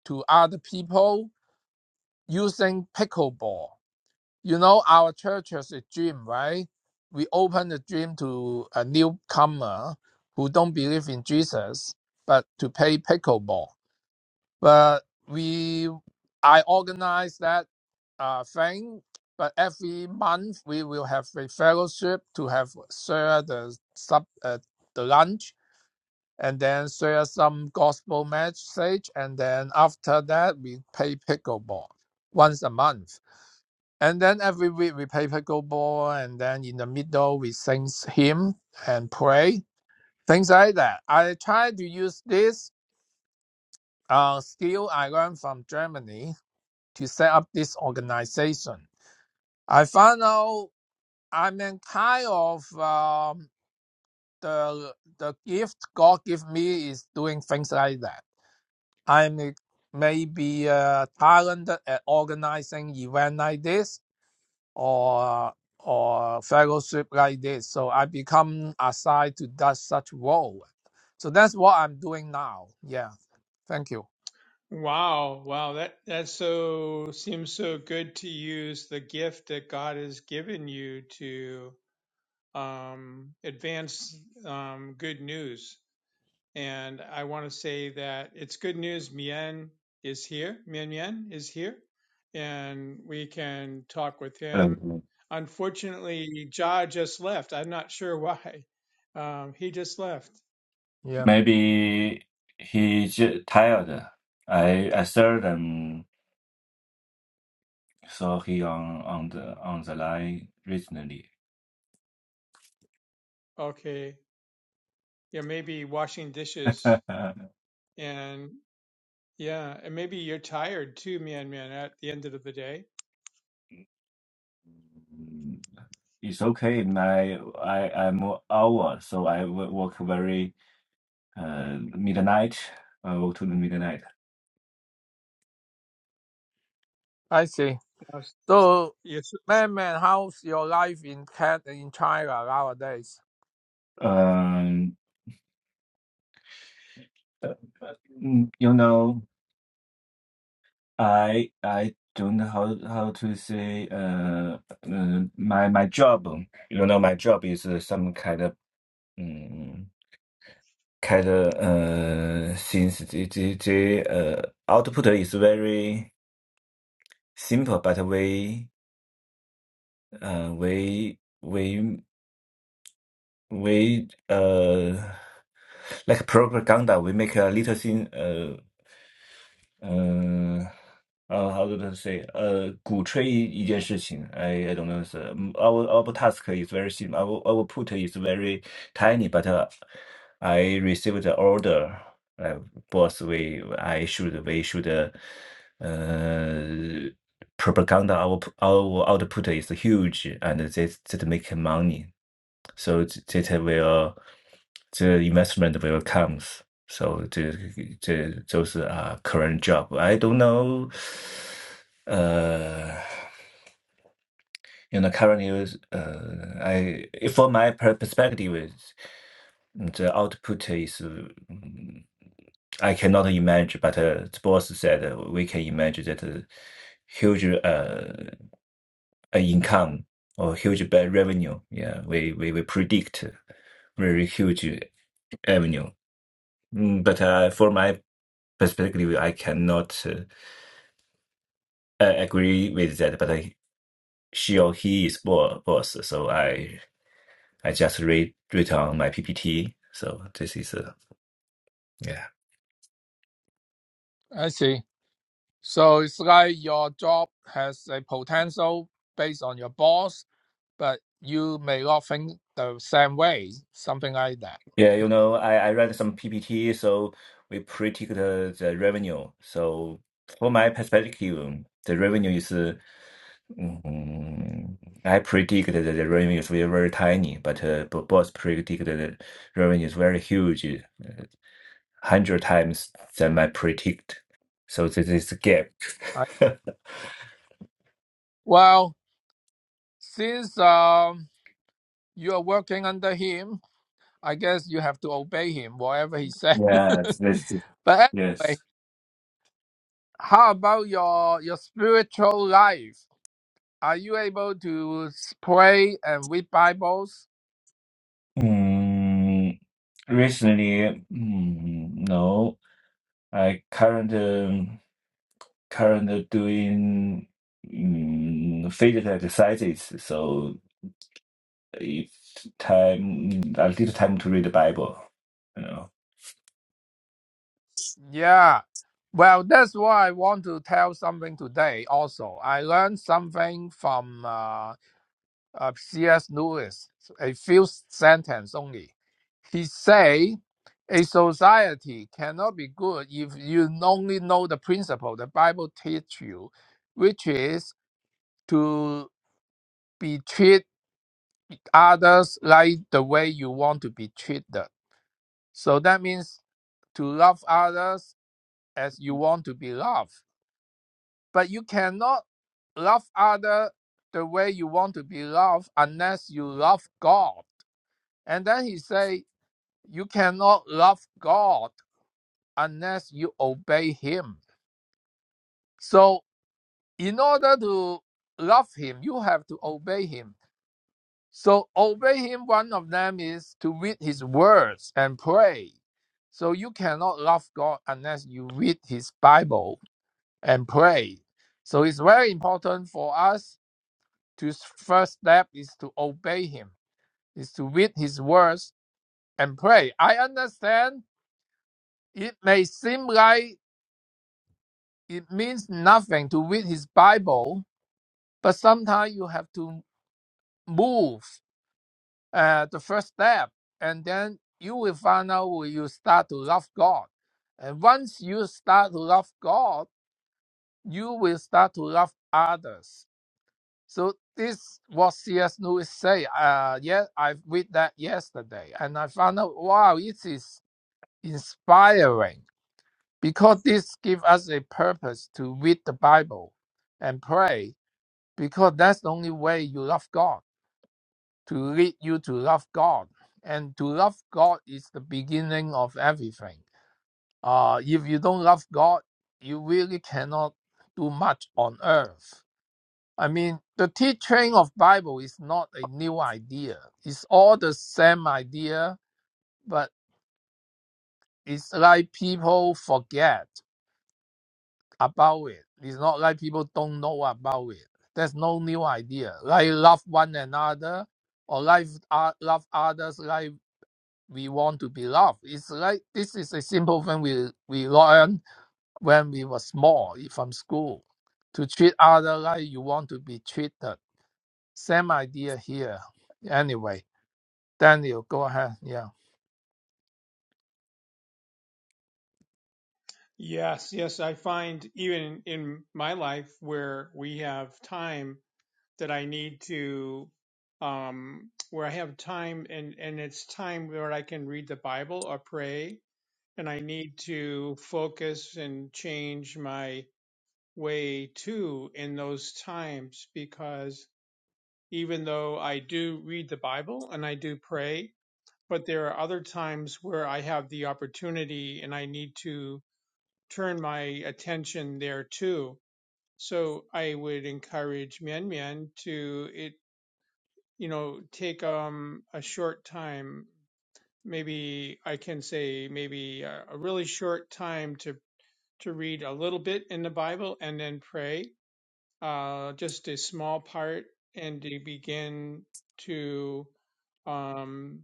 Speaker 4: to other people using pickleball. You know, our church has a gym, right? We open the gym to a newcomer who don't believe in Jesus, but to play pickleball but we I organize that uh, thing. But every month we will have a fellowship to have share the sub uh, the lunch and then share some gospel message and then after that we play pickleball once a month and then every week we play pickleball and then in the middle we sing hymn and pray things like that. I try to use this uh, skill I learned from Germany to set up this organization. I found out I'm in kind of um, the the gift God give me is doing things like that. I'm maybe uh, talented at organizing event like this or or fellowship like this. So I become assigned to that such role. So that's what I'm doing now. Yeah. Thank you.
Speaker 2: Wow, wow, that that so seems so good to use the gift that God has given you to um, advance um, good news. And I want to say that it's good news. Mien is here. Mien Mien is here, and we can talk with him.
Speaker 5: Um,
Speaker 2: Unfortunately, Ja just left. I'm not sure [LAUGHS] why. Um, he just left.
Speaker 4: Yeah.
Speaker 5: Maybe he j tired. I I seldom saw he on on the on the line recently.
Speaker 2: Okay, yeah, maybe washing
Speaker 5: [LAUGHS]
Speaker 2: dishes and Yeah, and maybe you're tired too, man, man, at the end of the day.
Speaker 5: It's okay. My I I'm hour, so I wo- work very uh midnight. I work to the midnight.
Speaker 4: I see.
Speaker 2: Yes,
Speaker 4: So.
Speaker 2: yes,
Speaker 4: Man, man, how's your life in Cat in China nowadays?
Speaker 5: Um, uh, mm, you know, I I don't know how how to say uh, uh my my job. You know, my job is uh, some kind of Mm, Kind of uh, since the the the uh output is very simple, but we uh we we we uh like propaganda, we make a little thing uh 呃 Uh, how do I say? Uh, 鼓吹一一件事情。I I I don't know. So um, our our task is very simple. Our our output is very tiny, but uh, I received the order. Uh, boss, we I should we should uh, uh propaganda our p- our output is huge, and that that make money. So that will the investment will comes. So the, the, those are current job. I don't know. Uh, you know, currently, is, uh, I from my per- perspective, is the output is mm, I cannot imagine. But uh, the boss said uh, we can imagine that uh, huge uh income or huge ba- revenue. Yeah, we we, we predict very huge revenue. Mm, but uh, for my specifically, I cannot uh, uh, agree with that, but I, she or he is bo- boss, so I I just read read on my PPT. So this is uh, yeah
Speaker 4: I see. So it's like your job has a potential based on your boss, but you may not think the same way, something like that.
Speaker 5: yeah you know I I read some PPT, so we predict the, the revenue. So from my perspective, the revenue is uh, mm, I predict that the revenue is very, very tiny, but uh, bo- boss predicted the revenue is very huge. Uh, one hundred times than I predict. So this is a gap.
Speaker 4: Right?
Speaker 5: [LAUGHS]
Speaker 4: Well, since um, you are working under him, I guess you have to obey him, whatever he said. [LAUGHS]
Speaker 5: yes, this is,
Speaker 4: but anyway,
Speaker 5: yes.
Speaker 4: how about your your spiritual life? Are you able to pray and read Bibles?
Speaker 5: Mm, recently, mm, no. I current um, current doing mm, field exercises. So it's time a little time to read the Bible. You know,
Speaker 4: Yeah. Well, that's why I want to tell something today also. I learned something from uh, uh, C.S. Lewis, a few sentences only. He say a society cannot be good if you only know the principle the Bible teach you, which is to be treat others like the way you want to be treated. So that means to love others as you want to be loved but you cannot love other the way you want to be loved unless you love God. And then he say you cannot love God unless you obey him. So in order to love him, you have to obey him. So obey him one of them is to read his words and pray. So you cannot love God unless you read his Bible and pray. So it's very important for us to first step is to obey him, is to read his words and pray. I understand it may seem like it means nothing to read his Bible, but sometimes you have to move uh, the first step, and then you will find out when you start to love God. And once you start to love God, you will start to love others. So this what C.S. Lewis say. Uh, yeah, I read that yesterday, and I found out. Wow, it is inspiring because this gives us a purpose to read the Bible and pray, because that's the only way you love God. To lead you to love God, and to love God is the beginning of everything. Uh, if you don't love God, you really cannot do much on earth. I mean, the teaching of Bible is not a new idea. It's all the same idea, but it's like people forget about it. It's not like people don't know about it. There's no new idea. Like love one another or like uh, love others like we want to be loved. It's like this is a simple thing we we learn when we were small from school to treat other like you want to be treated. Same idea here. Anyway. Daniel, go ahead. Yeah.
Speaker 2: yes. yes, I find even in my life where we have time that I need to, um, where I have time and, and it's time where I can read the Bible or pray, and I need to focus and change my way too in those times because even though I do read the Bible and I do pray, but there are other times where I have the opportunity and I need to turn my attention there too. So I would encourage Mian Mian to it, you know, take um a short time, maybe I can say maybe a, a really short time to to read a little bit in the Bible and then pray, uh, just a small part, and to begin to um,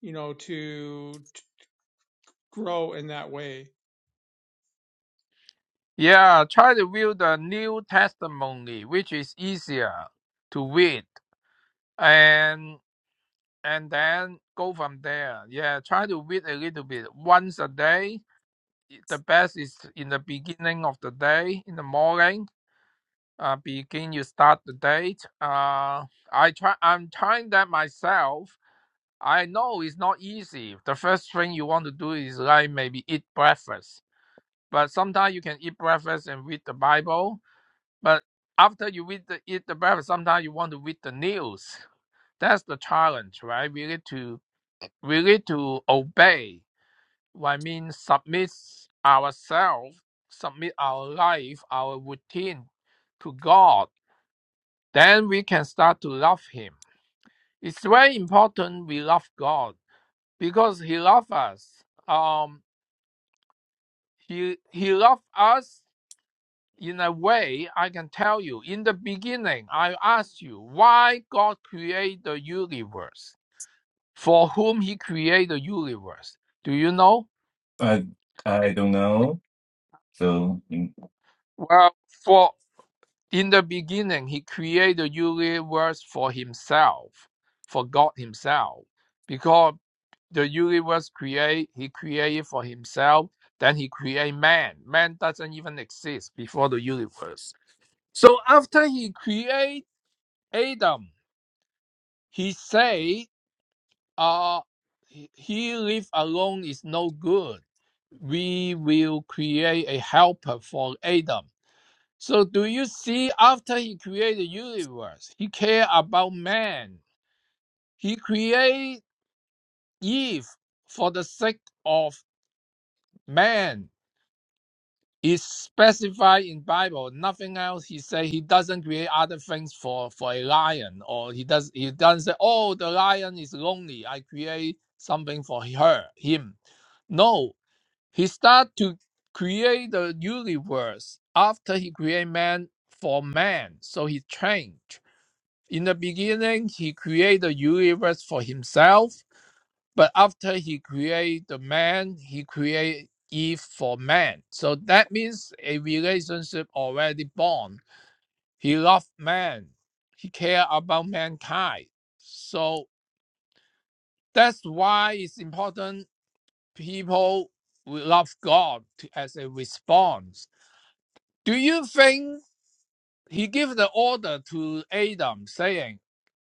Speaker 2: you know to, to grow in that way
Speaker 4: Yeah, try to view the New Testimony, which is easier to read, and and then go from there. Yeah, try to read a little bit once a day. The best is in the beginning of the day, in the morning. Uh, begin you start the date. Uh, I try. I'm trying that myself. I know it's not easy. The first thing you want to do is like maybe eat breakfast but sometimes you can eat breakfast and read the Bible. But after you read the, eat the breakfast, sometimes you want to read the news. That's the challenge, right? We need to we need to obey. I mean, submit ourselves, submit our life, our routine to God. Then we can start to love Him. It's very important we love God because He loves us. Um, he He loves us in a way, I can tell you, in the beginning, I asked you why God created the universe, for whom He created the universe. Do you know?
Speaker 5: I I don't know. So mm,
Speaker 4: Well, for in the beginning, He created the universe for Himself, for God Himself, because the universe create He created for Himself. Then He created man. Man doesn't even exist before the universe. So after He created Adam. He say, uh, he live alone is no good. We will create a helper for Adam. So do you see after he created the universe, he care about man. He create Eve for the sake of man. It's specified in Bible, nothing else. He say he doesn't create other things for for a lion, or he does he doesn't say, oh, the lion is lonely. I create something for her, him. No, he start to create the universe after he create man for man. So he changed. In the beginning, he create the universe for himself but after he created the man, he created Eve for man. So that means a relationship already born. He loved man. He cared about mankind. So that's why it's important people will love God as a response. Do you think he gave the order to Adam saying,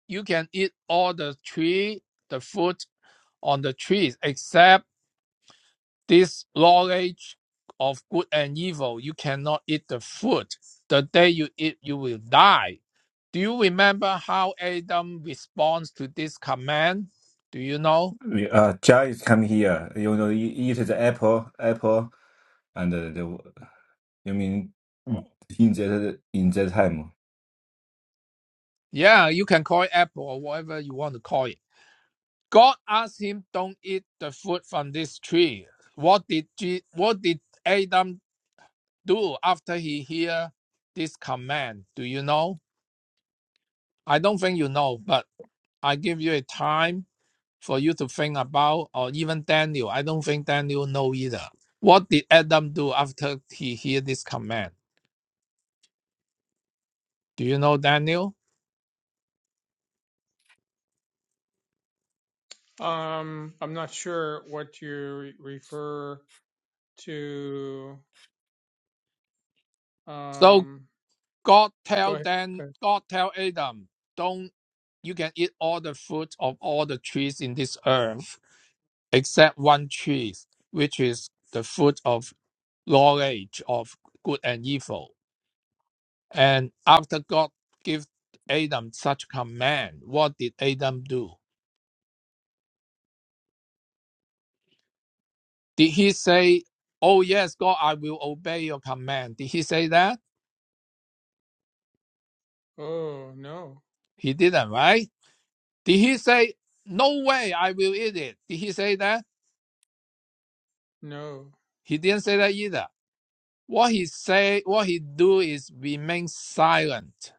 Speaker 4: you can eat all the tree, the fruit on the trees, except this knowledge of good and evil, you cannot eat the fruit. The day you eat, you will die. Do you remember how Adam responds to this command? Do you know?
Speaker 5: we- uh, Jai is coming here. You know, you eat the apple, apple. And uh, the, you mean Mm. in that in that time?
Speaker 4: Yeah, you can call it apple or whatever you want to call it. God asked him, "Don't eat the fruit from this tree." What did Je- what did Adam do after he hear this command? Do you know? I don't think you know, but I give you a time for you to think about, or even Daniel. I don't think Daniel know either. What did Adam do after he hear this command? Do you know Daniel?
Speaker 2: Um, I'm not sure what you refer to.
Speaker 4: So
Speaker 2: Um,
Speaker 4: God tell
Speaker 2: go ahead.
Speaker 4: Dan,
Speaker 2: Go ahead.
Speaker 4: God tell Adam, don't you can eat all the fruit of all the trees in this earth except one tree, which is the fruit of knowledge of good and evil. And after God gave Adam such command, what did Adam do? Did he say, Oh, yes, God, I will obey your command? Did he say that?
Speaker 2: Oh, no,
Speaker 4: He didn't, right? Did he say, No way, I will eat it? Did he say that?
Speaker 2: no,
Speaker 4: He didn't say that either. What he say, what he do is remain silent.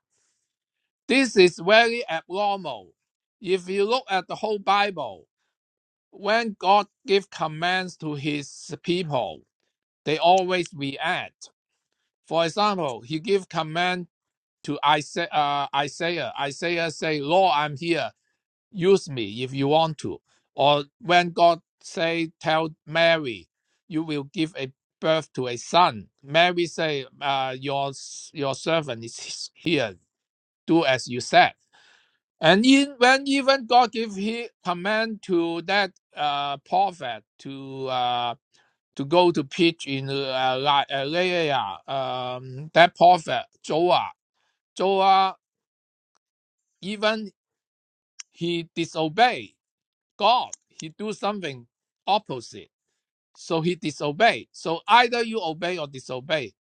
Speaker 4: This is very abnormal. If you look at the whole Bible, when God give commands to his people, they always react For example, he give command to Isaiah. Uh, Isaiah, Isaiah say, "Lord, I'm here. Use me if you want to." Or when God say, "Tell Mary, you will give a birth to a son," Mary say, uh, "Your your servant is [LAUGHS] here. Do as you said." And in, when even God give he command to that uh, prophet to uh, to go to pitch in uh, La- uh, Laia, um, that prophet Joah. Joah, even he disobey God, he do something opposite. So he disobey. So either you obey or disobey.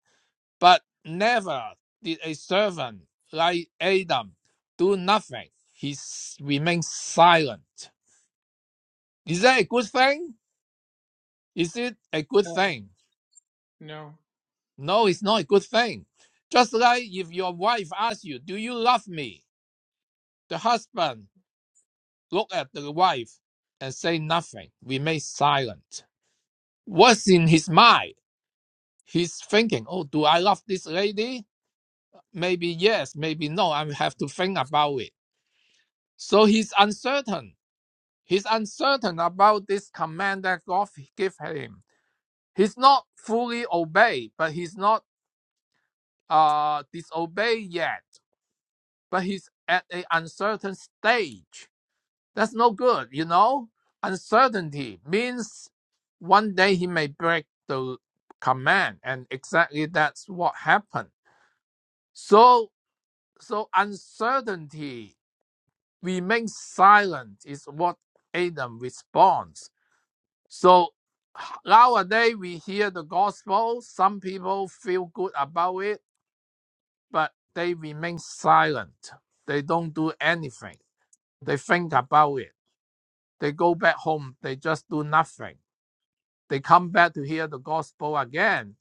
Speaker 4: But never did a servant like Adam do nothing. He remains silent. Is that a good thing? Is it a good
Speaker 2: no,
Speaker 4: thing?
Speaker 2: no.
Speaker 4: No, it's not a good thing. Just like if your wife asks you, Do you love me? The husband look at the wife and say nothing, remain silent. What's in his mind? He's thinking, Oh, do I love this lady? Maybe yes, maybe no. I have to think about it. So he's uncertain. He's uncertain about this command that God gave him. He's not fully obeyed, but he's not uh disobeyed yet. but he's at an uncertain stage. That's no good, you know? Uncertainty means one day he may break the command, and exactly that's what happened. So, so uncertainty, remain silent is what Adam responds. So nowadays we hear the gospel, some people feel good about it, but they remain silent. They don't do anything they think about it They go back home. They just do nothing. They come back to hear the gospel again.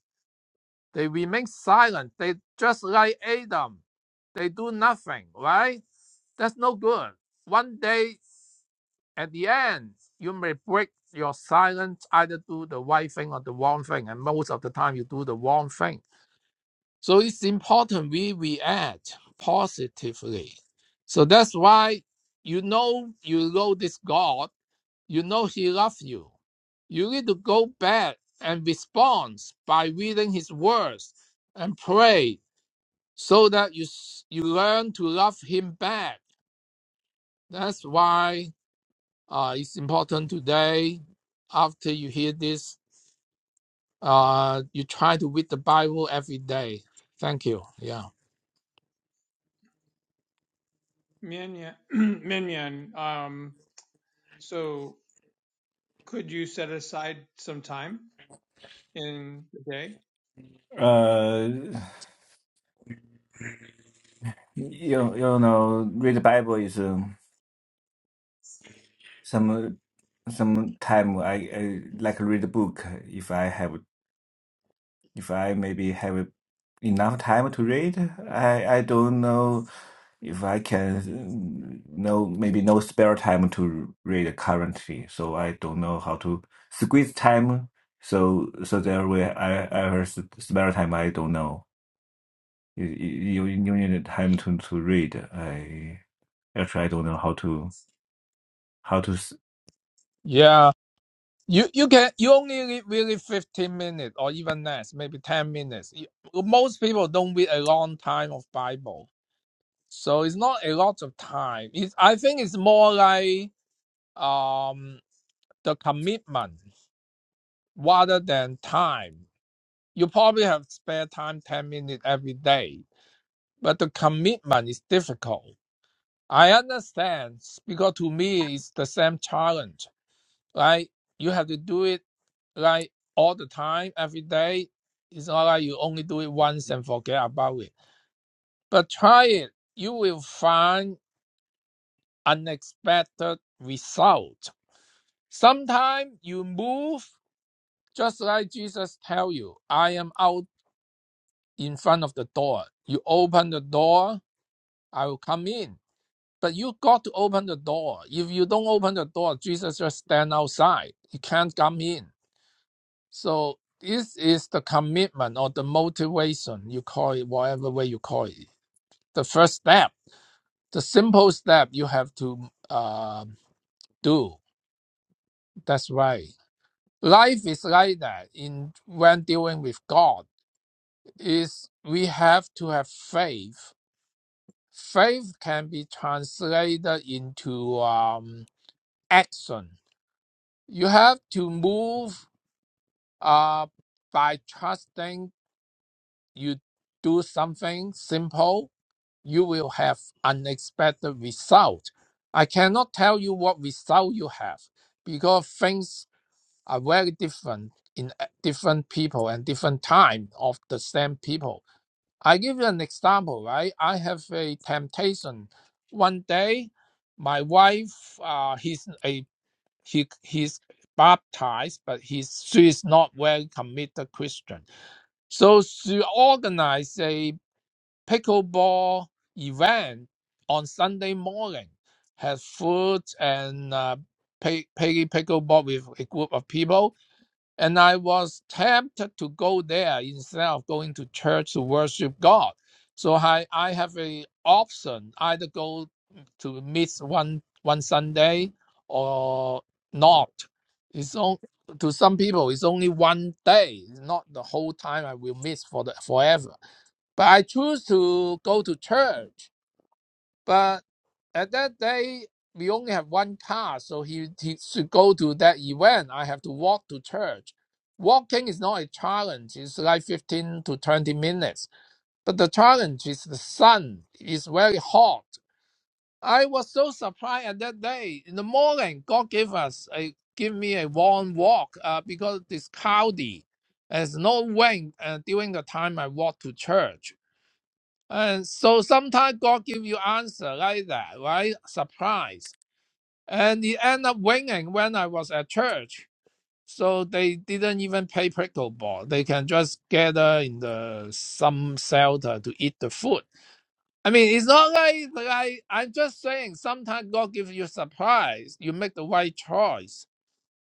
Speaker 4: They remain silent. They just like Adam. They do nothing, right? That's no good. One day at the end, you may break your silence, either do the right thing or the wrong thing. And most of the time, you do the wrong thing. So it's important we react positively. So that's why you know you know this God you know he loves you. You need to go back and respond by reading his words and pray so that you s- you learn to love him back. That's why uh, it's important today. After you hear this, uh, you try to read the Bible every day. Thank you. Yeah.
Speaker 2: Mian Mian, [CLEARS THROAT] Mian Mian, um, so could you set aside some time in the day?
Speaker 5: Uh, you you know, read the Bible is um, some some time I, I like read a book if I have If I maybe have enough time to read, I I don't know if I can mm, no maybe no spare time to read currently. So I don't know how to squeeze time. So so there way I I have s- spare time. I don't know. You you, you need time to to read. I actually I don't know how to how to. s-
Speaker 4: Yeah. You you can you only read really fifteen minutes or even less, maybe ten minutes. You- most people don't read a long time of Bible So it's not a lot of time. It's, I think it's more like um, the commitment rather than time. You probably have spare time 10 minutes every day, but the commitment is difficult. I understand because to me it's the same challenge. Like you have to do it like all the time, every day. It's not like you only do it once and forget about it. But try it. You will find unexpected result Sometimes you move just like Jesus tell you, I am out in front of the door. You open the door, I will come in. But you got to open the door. If you don't open the door, Jesus just stand outside. He can't come in. So this is the commitment or the motivation, you call it whatever way you call it. The first step, the simple step you have to uh, do. That's right. Life is like that in when dealing with God is we have to have faith. Faith can be translated into um, action. You have to move uh, by trusting you do something simple, you will have unexpected result. I cannot tell you what result you have because things are very different in uh, different people and different time of the same people I give you an example, right? I have a temptation. One day, my wife, uh, he's a he he's baptized, but he's she is not well committed Christian. So she organized a pickleball event on Sunday morning, had food and uh, play, play pickleball with a group of people and I was tempted to go there instead of going to church to worship God. So I, I have a option either go to miss one one Sunday or not. It's on, to some people it's only one day, it's not the whole time I will miss for the forever. But I choose to go to church but at that day, we only have one car, so he, he should go to that event. I have to walk to church. Walking is not a challenge. It's like 15 to 20 minutes. But the challenge is the sun is very hot. I was so surprised at that day. In the morning, God gave us a give me a warm walk uh, because it's cloudy. There's no wind uh, during the time I walk to church. And so sometimes God give you answer like that, right? Surprise. And he end up winning when I was at church. So they didn't even play pickleball. They can just gather in the some shelter to eat the food. I mean, it's not like, like I'm just saying sometimes God gives you surprise. You make the right choice.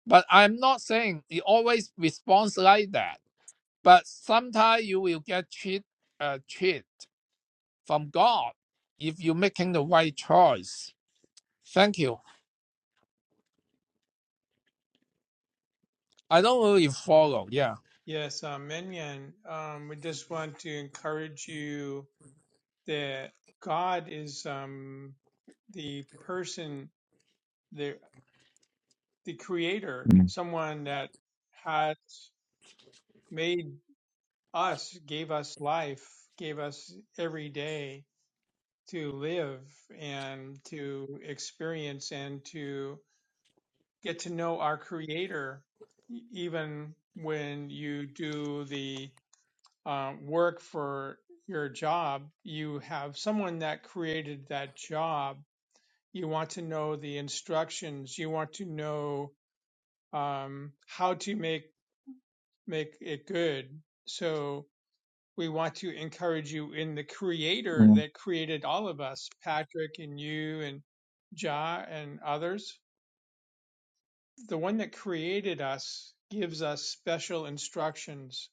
Speaker 4: But I'm not saying it always responds like that. But sometimes you will get cheat uh, cheat from God if you're making the right choice. Thank you. I don't really follow. Yeah.
Speaker 2: Yes, um, Mian Mian, um, we just want to encourage you that God is, um, the person there. the creator,
Speaker 5: Mm,
Speaker 2: someone that has made us, gave us life, gave us every day to live and to experience and to get to know our creator, e- even when you do the uh, work for your job, you have someone that created that job. You want to know the instructions. You want to know um, how to make make it good. So we want to encourage you in the creator
Speaker 5: mm,
Speaker 2: that created all of us, Patrick and you and Ja and others. The one that created us gives us special instructions.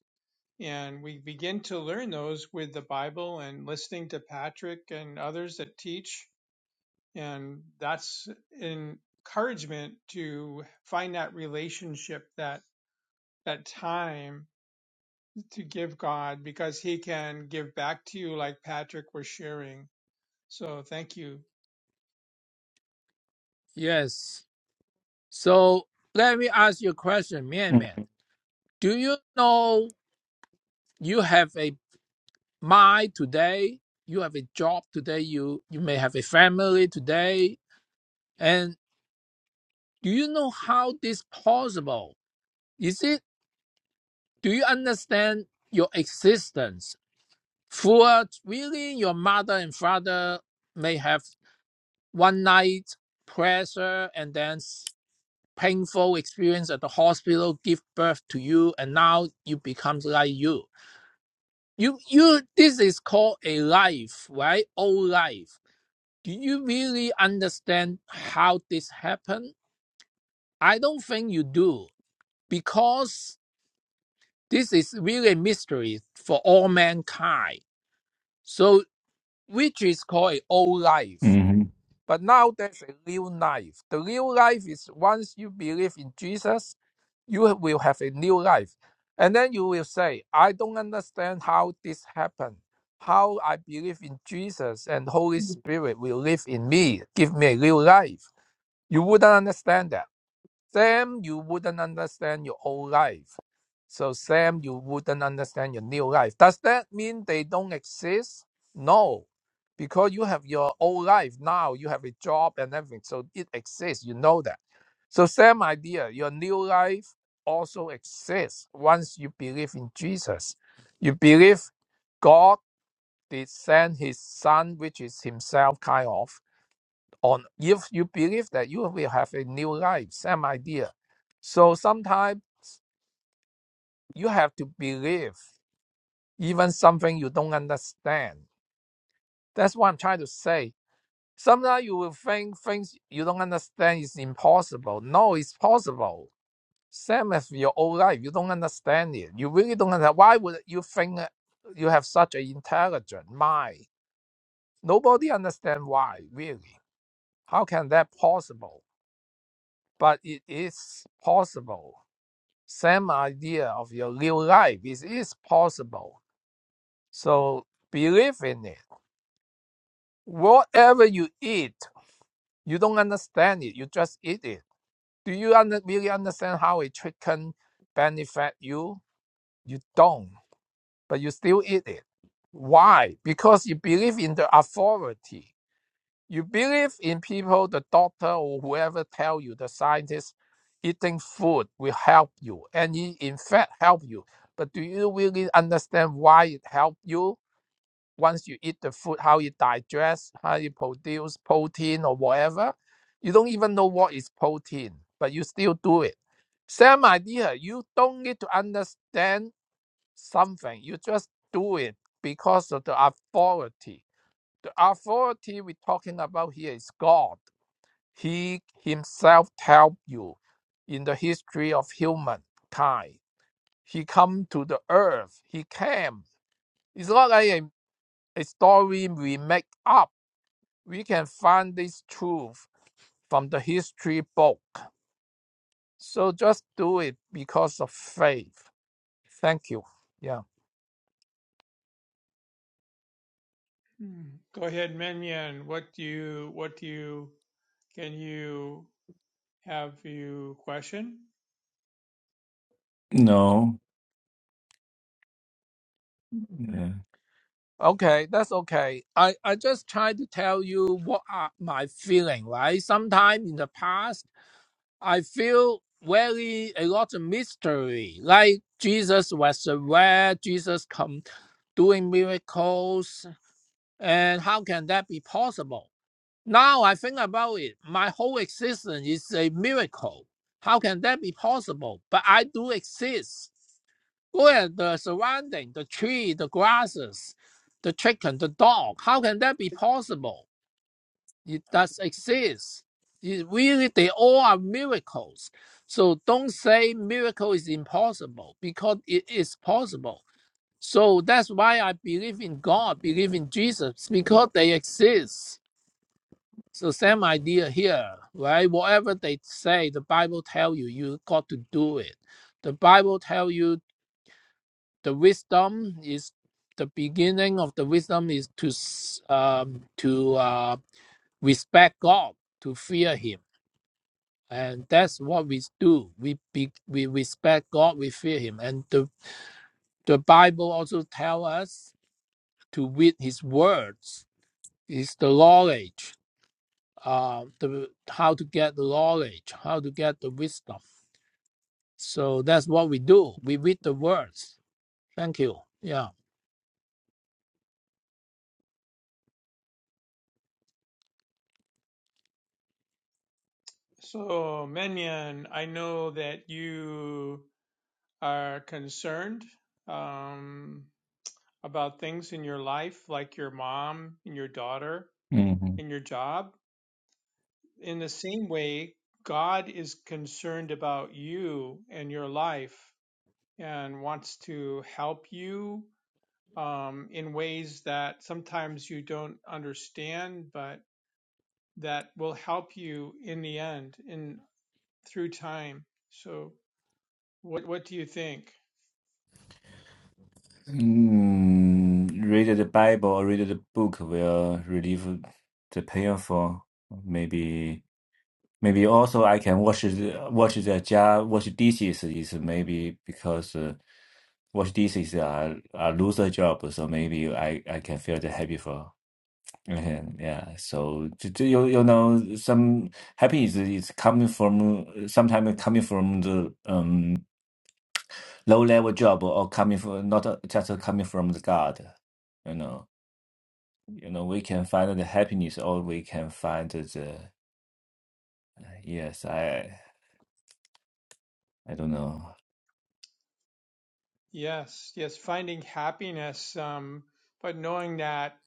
Speaker 2: And we begin to learn those with the Bible and listening to Patrick and others that teach. And that's an encouragement to find that relationship, that, that time to give God because He can give back to you, like Patrick was sharing. So thank you.
Speaker 4: Yes. So let me ask you a question, Mian
Speaker 5: mm,
Speaker 4: Mian. Do you know you have a mind today? You have a job today. You you may have a family today. And do you know how this possible? Is it? Do you understand your existence? For really, your mother and father may have. one night pressure and then painful experience at the hospital give birth to you and now you become like you you you this is called a life right old life do you really understand how this happened i don't think you do because this is really a mystery for all mankind so which is called an old life
Speaker 5: mhm.
Speaker 4: But now there's a real life. The real life is once you believe in Jesus, you will have a new life. And then you will say, I don't understand how this happened. How I believe in Jesus and Holy Spirit will live in me, give me a real life. You wouldn't understand that Sam, you wouldn't understand your old life. So, Sam, you wouldn't understand your new life. Does that mean they don't exist? No, because you have your old life now, you have a job and everything. So, it exists. You know that. So, same idea. Your new life also exists once you believe in Jesus. You believe God did send his son, which is himself, kind of on if you believe that you will have a new life same idea so sometimes you have to believe even something you don't understand that's what i'm trying to say sometimes you will think things you don't understand is impossible no it's possible same as your old life you don't understand it you really don't understand why would you think that you have such an intelligent mind nobody understand why really how can that possible but it is possible same idea of your real life. It is possible. So believe in it. Whatever you eat, you don't understand it. You just eat it. Do you under, really understand how a chicken benefit you? You don't, but you still eat it. Why? Because you believe in the authority. You believe in people, the doctor or whoever tell you, the scientist, eating food will help you, and it in fact help you. But do you really understand why it help you? Once you eat the food, how it digests, how it produce protein or whatever, you don't even know what is protein, but you still do it. Same idea. You don't need to understand something. You just do it because of the authority the authority we're talking about here is God. He himself helped you in the history of humankind. He come to the earth. He came. It's not like a, a story we make up. We can find this truth from the history book. So just do it because of faith. Thank you. Yeah.
Speaker 2: Hmm. Go ahead, Minion. What do you? What do you? Can you have you question?
Speaker 5: No. Yeah.
Speaker 4: Okay, that's okay. I, I just try to tell you what are my feeling, right? Sometime in the past, I feel very a lot of mystery, like Jesus was aware, Jesus come doing miracles, and how can that be possible? Now I think about it, my whole existence is a miracle. How can that be possible? But I do exist. Look at the surrounding, the tree, the grasses, the chicken, the dog. How can that be possible? It does exist. It really, they all are miracles. So don't say miracle is impossible because it is possible. So that's why I believe in God, believe in Jesus because they exist. So same idea here, right? Whatever they say, the Bible tell you, you got to do it. The Bible tell you the wisdom is the beginning of the wisdom is to um, to uh, respect God, to fear Him, and that's what we do. We be, we respect God, we fear Him, and the the Bible also tell us to read His words, is the knowledge. uh, the how to get the knowledge, how to get the wisdom. So that's what we do. We read the words. Thank you. Yeah,
Speaker 2: So Minion, I know that you are concerned um, about things in your life, like your mom and your daughter
Speaker 5: Mm-hmm.
Speaker 2: and your job. In the same way, God is concerned about you and your life and wants to help you um, in ways that sometimes you don't understand, but that will help you in the end, in through time. So, what what do you think?
Speaker 5: Mm, read the Bible or read the book will relieve the painful. Maybe, maybe also I can wash the wash the jar, wash dishes is maybe because uh, wash dishes are are loser job, so maybe I I can feel the happy for. Mhm, Yeah, so to, to, you you know some happiness is coming from sometimes coming from the um low level job or coming from not uh, just coming from the God, you know. you know we can find the happiness or we can find the yes i i don't know
Speaker 2: Yes, yes, finding happiness, um, but knowing that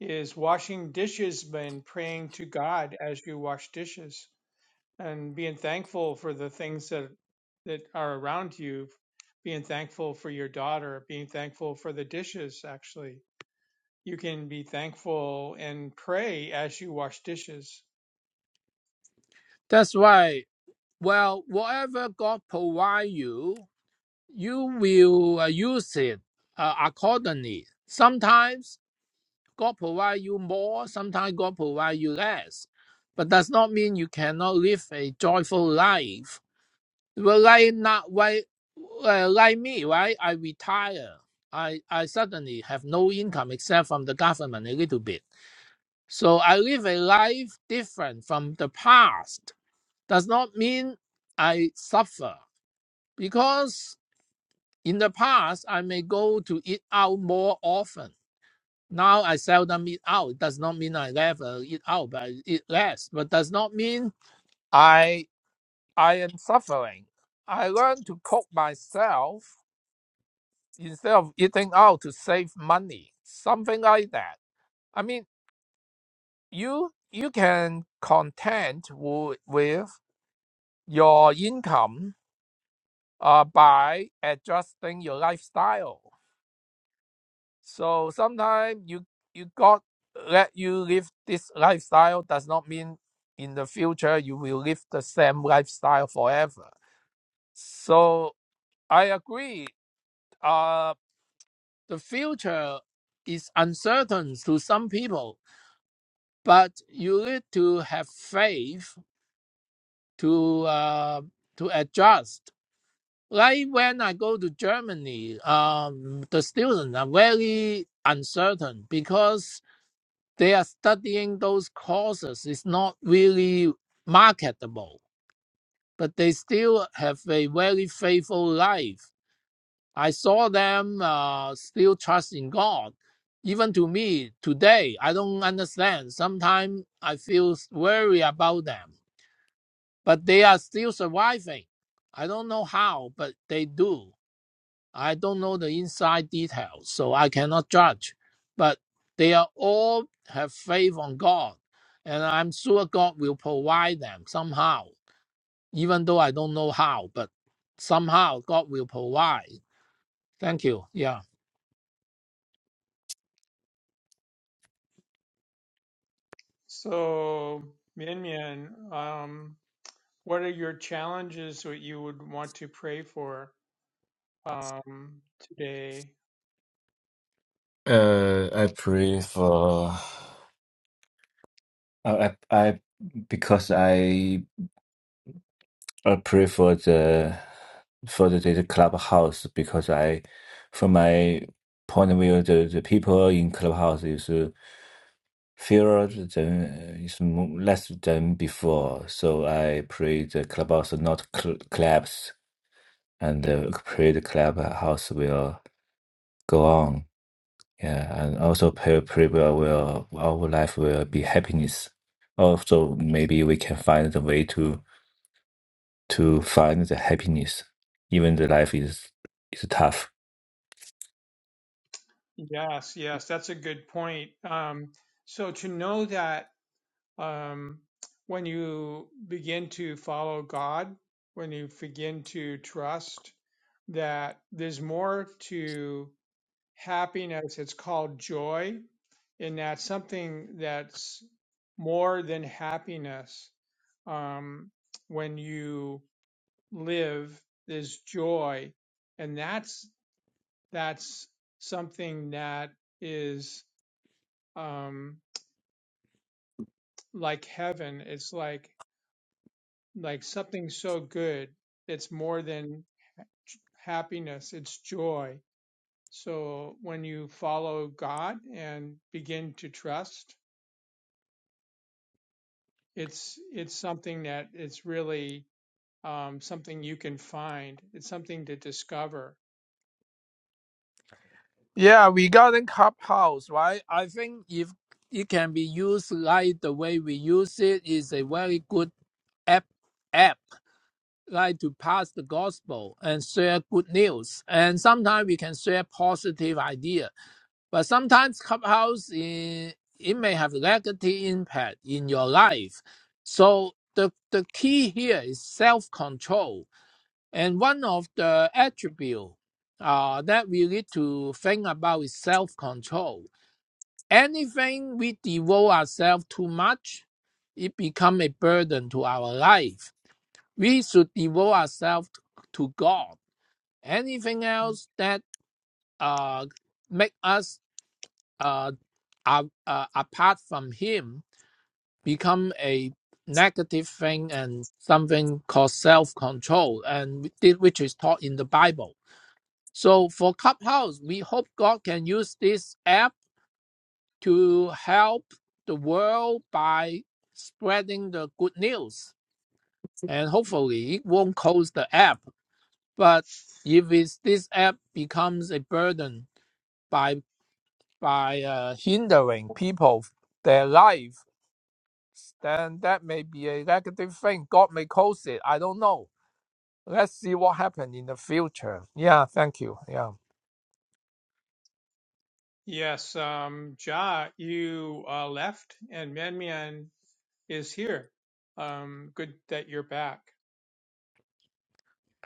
Speaker 2: is washing dishes and praying to God as you wash dishes. and being thankful for the things that that are around you being thankful for your daughter being thankful for the dishes actually you can be thankful and pray as you wash dishes
Speaker 4: that's why. Well, whatever God provide you, you will uh, use it uh, accordingly. Sometimes God provide you more. Sometimes God provide you less. But does not mean you cannot live a joyful life Well, like not like uh, like me, right? I retire. I I suddenly have no income except from the government a little bit. So I live a life different from the past. Does not mean I suffer because in the past I may go to eat out more often. Now I seldom eat out. It does not mean I never eat out, but I eat less. But does not mean I I am suffering. I learn to cook myself instead of eating out to save money, something like that. I mean, you you can content wi- with your income uh, by adjusting your lifestyle. So sometimes you you got let you live this lifestyle does not mean in the future you will live the same lifestyle forever. So I agree. Uh, the future is uncertain to some people but you need to have faith to uh, to adjust. Like when I go to Germany, um, the students are very uncertain because they are studying those courses. It's not really marketable, but they still have a very faithful life. I saw them uh, still trusting God. Even to me today, I don't understand. Sometimes I feel worry about them but they are still surviving. I don't know how, but they do. I don't know the inside details, so I cannot judge. But they are all have faith on God, and I'm sure God will provide them somehow, even though I don't know how, but somehow God will provide. Thank you. Yeah.
Speaker 2: so minyan um what are your challenges that you would want to pray for um today
Speaker 5: uh i pray for i i, I because i i pray for the for the, the clubhouse because i from my point of view the, the people in clubhouse is uh, fewer than uh, is mo- less than before so i pray the clubhouse not cl- collapse and uh, pray the clubhouse will go on. Yeah, and also pay people will our life will be happiness. Also, maybe we can find the way to to find the happiness, even the life is is tough.
Speaker 2: yes yes that's a good point um so to know that um, when you begin to follow God, when you begin to trust that there's more to happiness, it's called joy, and that's something that's more than happiness. Um, when you live, there's joy, and that's that's something that is um, like heaven. It's like like something so good that's more than happiness, it's joy. So when you follow God and begin to trust, it's it's something that it's really um, something you can find. It's something to discover.
Speaker 4: Yeah, regarding Clubhouse, right? I think if it can be used like the way we use it, is a very good app app like to pass the gospel and share good news. And sometimes we can share positive idea, but sometimes Clubhouse eh, it may have negative impact in your life. So the the key here is self control, and one of the attribute uh, that we need to think about is self control. Anything we devote ourselves too much, it become a burden to our life we should devote ourselves to God. Anything
Speaker 2: Mm.
Speaker 4: else that uh, make us uh, uh, uh, apart from Him become a negative thing and something called self-control, and which is taught in the Bible. So for Clubhouse, we hope God can use this app to help the world by spreading the good news, and hopefully it won't close the app But if it's, this app becomes a burden by by uh, hindering people their life, then that may be a negative thing. God may cause it. I don't know. Let's see what happens in the future. Yeah, thank you. Yeah,
Speaker 2: Yes, um, Ja, you uh, left, and Mian Mian is here. Um, good that you're back.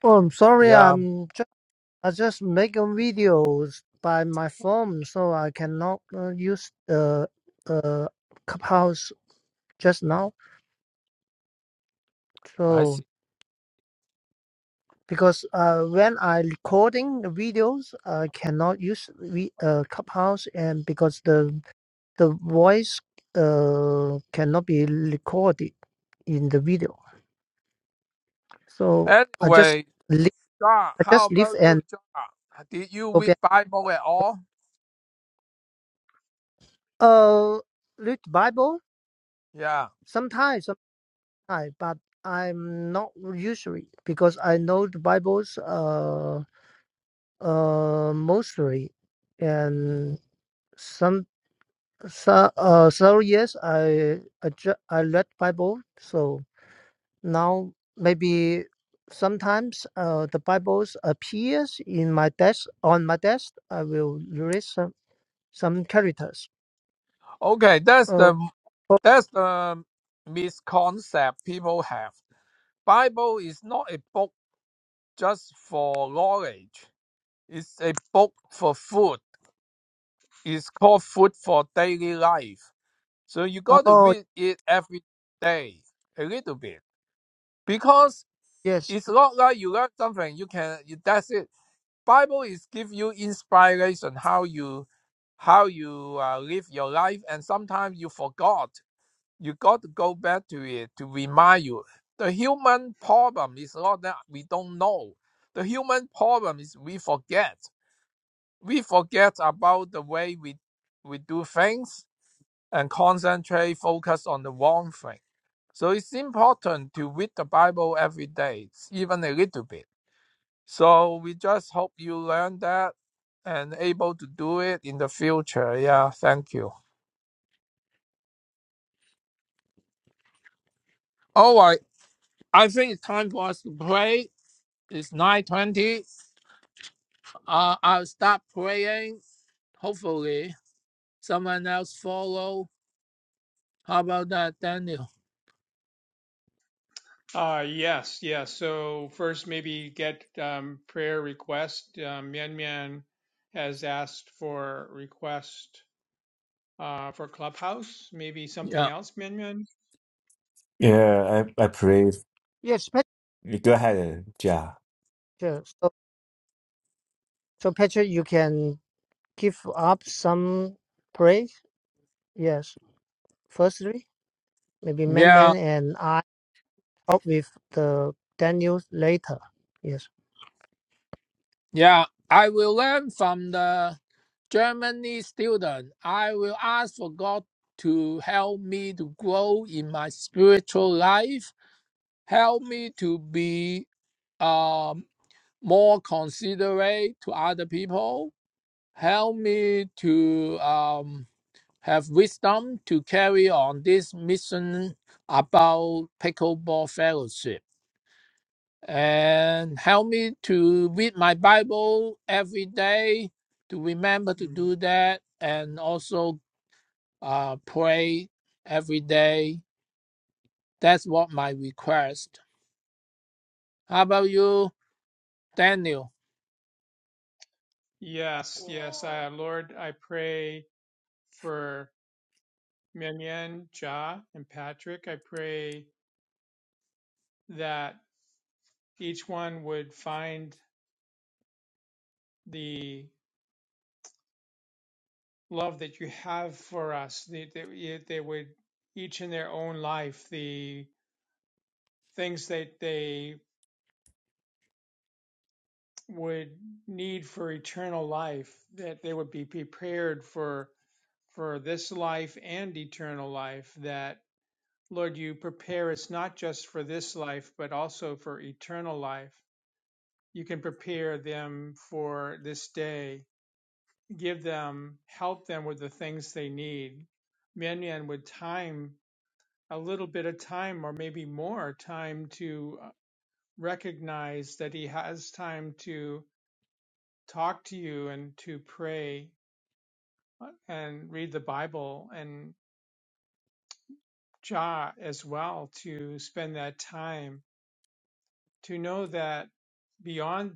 Speaker 3: Oh, I'm sorry.
Speaker 4: yeah,
Speaker 3: I'm just I just making videos by my phone, so I cannot uh, use the uh, clubhouse just now.
Speaker 4: I
Speaker 3: So.
Speaker 4: see.
Speaker 3: because uh, when I recording the videos, I cannot use re- uh, Clubhouse, and because the the voice uh, cannot be recorded in the video, so I just
Speaker 4: Anyway,
Speaker 3: leave,
Speaker 4: John,
Speaker 3: I
Speaker 4: how
Speaker 3: just leave
Speaker 4: about you,
Speaker 3: and
Speaker 4: John? Did you
Speaker 3: go
Speaker 4: read
Speaker 3: back.
Speaker 4: Bible at all?
Speaker 3: Uh, read Bible
Speaker 4: Yeah.
Speaker 3: sometimes, sometimes, but I'm not usually because I know the Bibles uh uh mostly, and So, uh, so yes, I I, ju- I read Bible. So now maybe sometimes uh, the Bibles appears in my desk on my desk. I will read some some characters.
Speaker 4: Okay, that's
Speaker 3: Uh,
Speaker 4: the
Speaker 3: oh,
Speaker 4: that's the misconception people have. Bible is not a book just for knowledge. It's a book for food. It's called Food for Daily Life. So you got to
Speaker 3: oh
Speaker 4: read it every day, a little bit, because
Speaker 3: yes,
Speaker 4: it's not like you learn something. You can you- that's it. Bible is give you inspiration how you how you uh, live your life, and sometimes you forgot. You got to go back to it to remind you. The human problem is not that we don't know. The human problem is we forget we forget about the way we we do things and concentrate focus on the wrong thing so it's important to read the bible every day even a little bit so we just hope you learn that and able to do it in the future yeah thank you all right i think it's time for us to pray it's 9.20 uh, i'll stop praying hopefully someone else follow how about that daniel
Speaker 2: Uh, yes, yes. So first, maybe get um, prayer request. Um, Mian Mian has asked for request uh, for Clubhouse. Maybe something
Speaker 4: yeah
Speaker 2: else, Mian Mian.
Speaker 5: Yeah, I I pray.
Speaker 3: yes,
Speaker 5: Go ahead, Ja.
Speaker 3: Peter. So, so Peter, you can give up some praise. Yes, firstly, maybe Man
Speaker 4: yeah
Speaker 3: Man and I help with the Daniel later. Yes.
Speaker 4: Yeah, I will learn from the Germany student. I will ask for God to help me to grow in my spiritual life, help me to be um, more considerate to other people, help me to um, have wisdom to carry on this mission about pickleball fellowship. and help me to read my Bible every day, to remember to
Speaker 2: Mm.
Speaker 4: do that, and also uh, pray every day. That's what my request. How about you, Daniel?
Speaker 2: Yes, yes. Uh, Lord, I pray for Mian Mian, Ja, and Patrick. I pray that each one would find the love that you have for us. That that they would each in their own life the things that they would need for eternal life, that they would be prepared for for this life and eternal life, that Lord, you prepare us not just for this life, but also for eternal life. You can prepare them for this day, give them, help them with the things they need. Minyan with time, a little bit of time, or maybe more time to uh, recognize that he has time to talk to you and to pray uh, and read the Bible and Jah as well to spend that time to know that beyond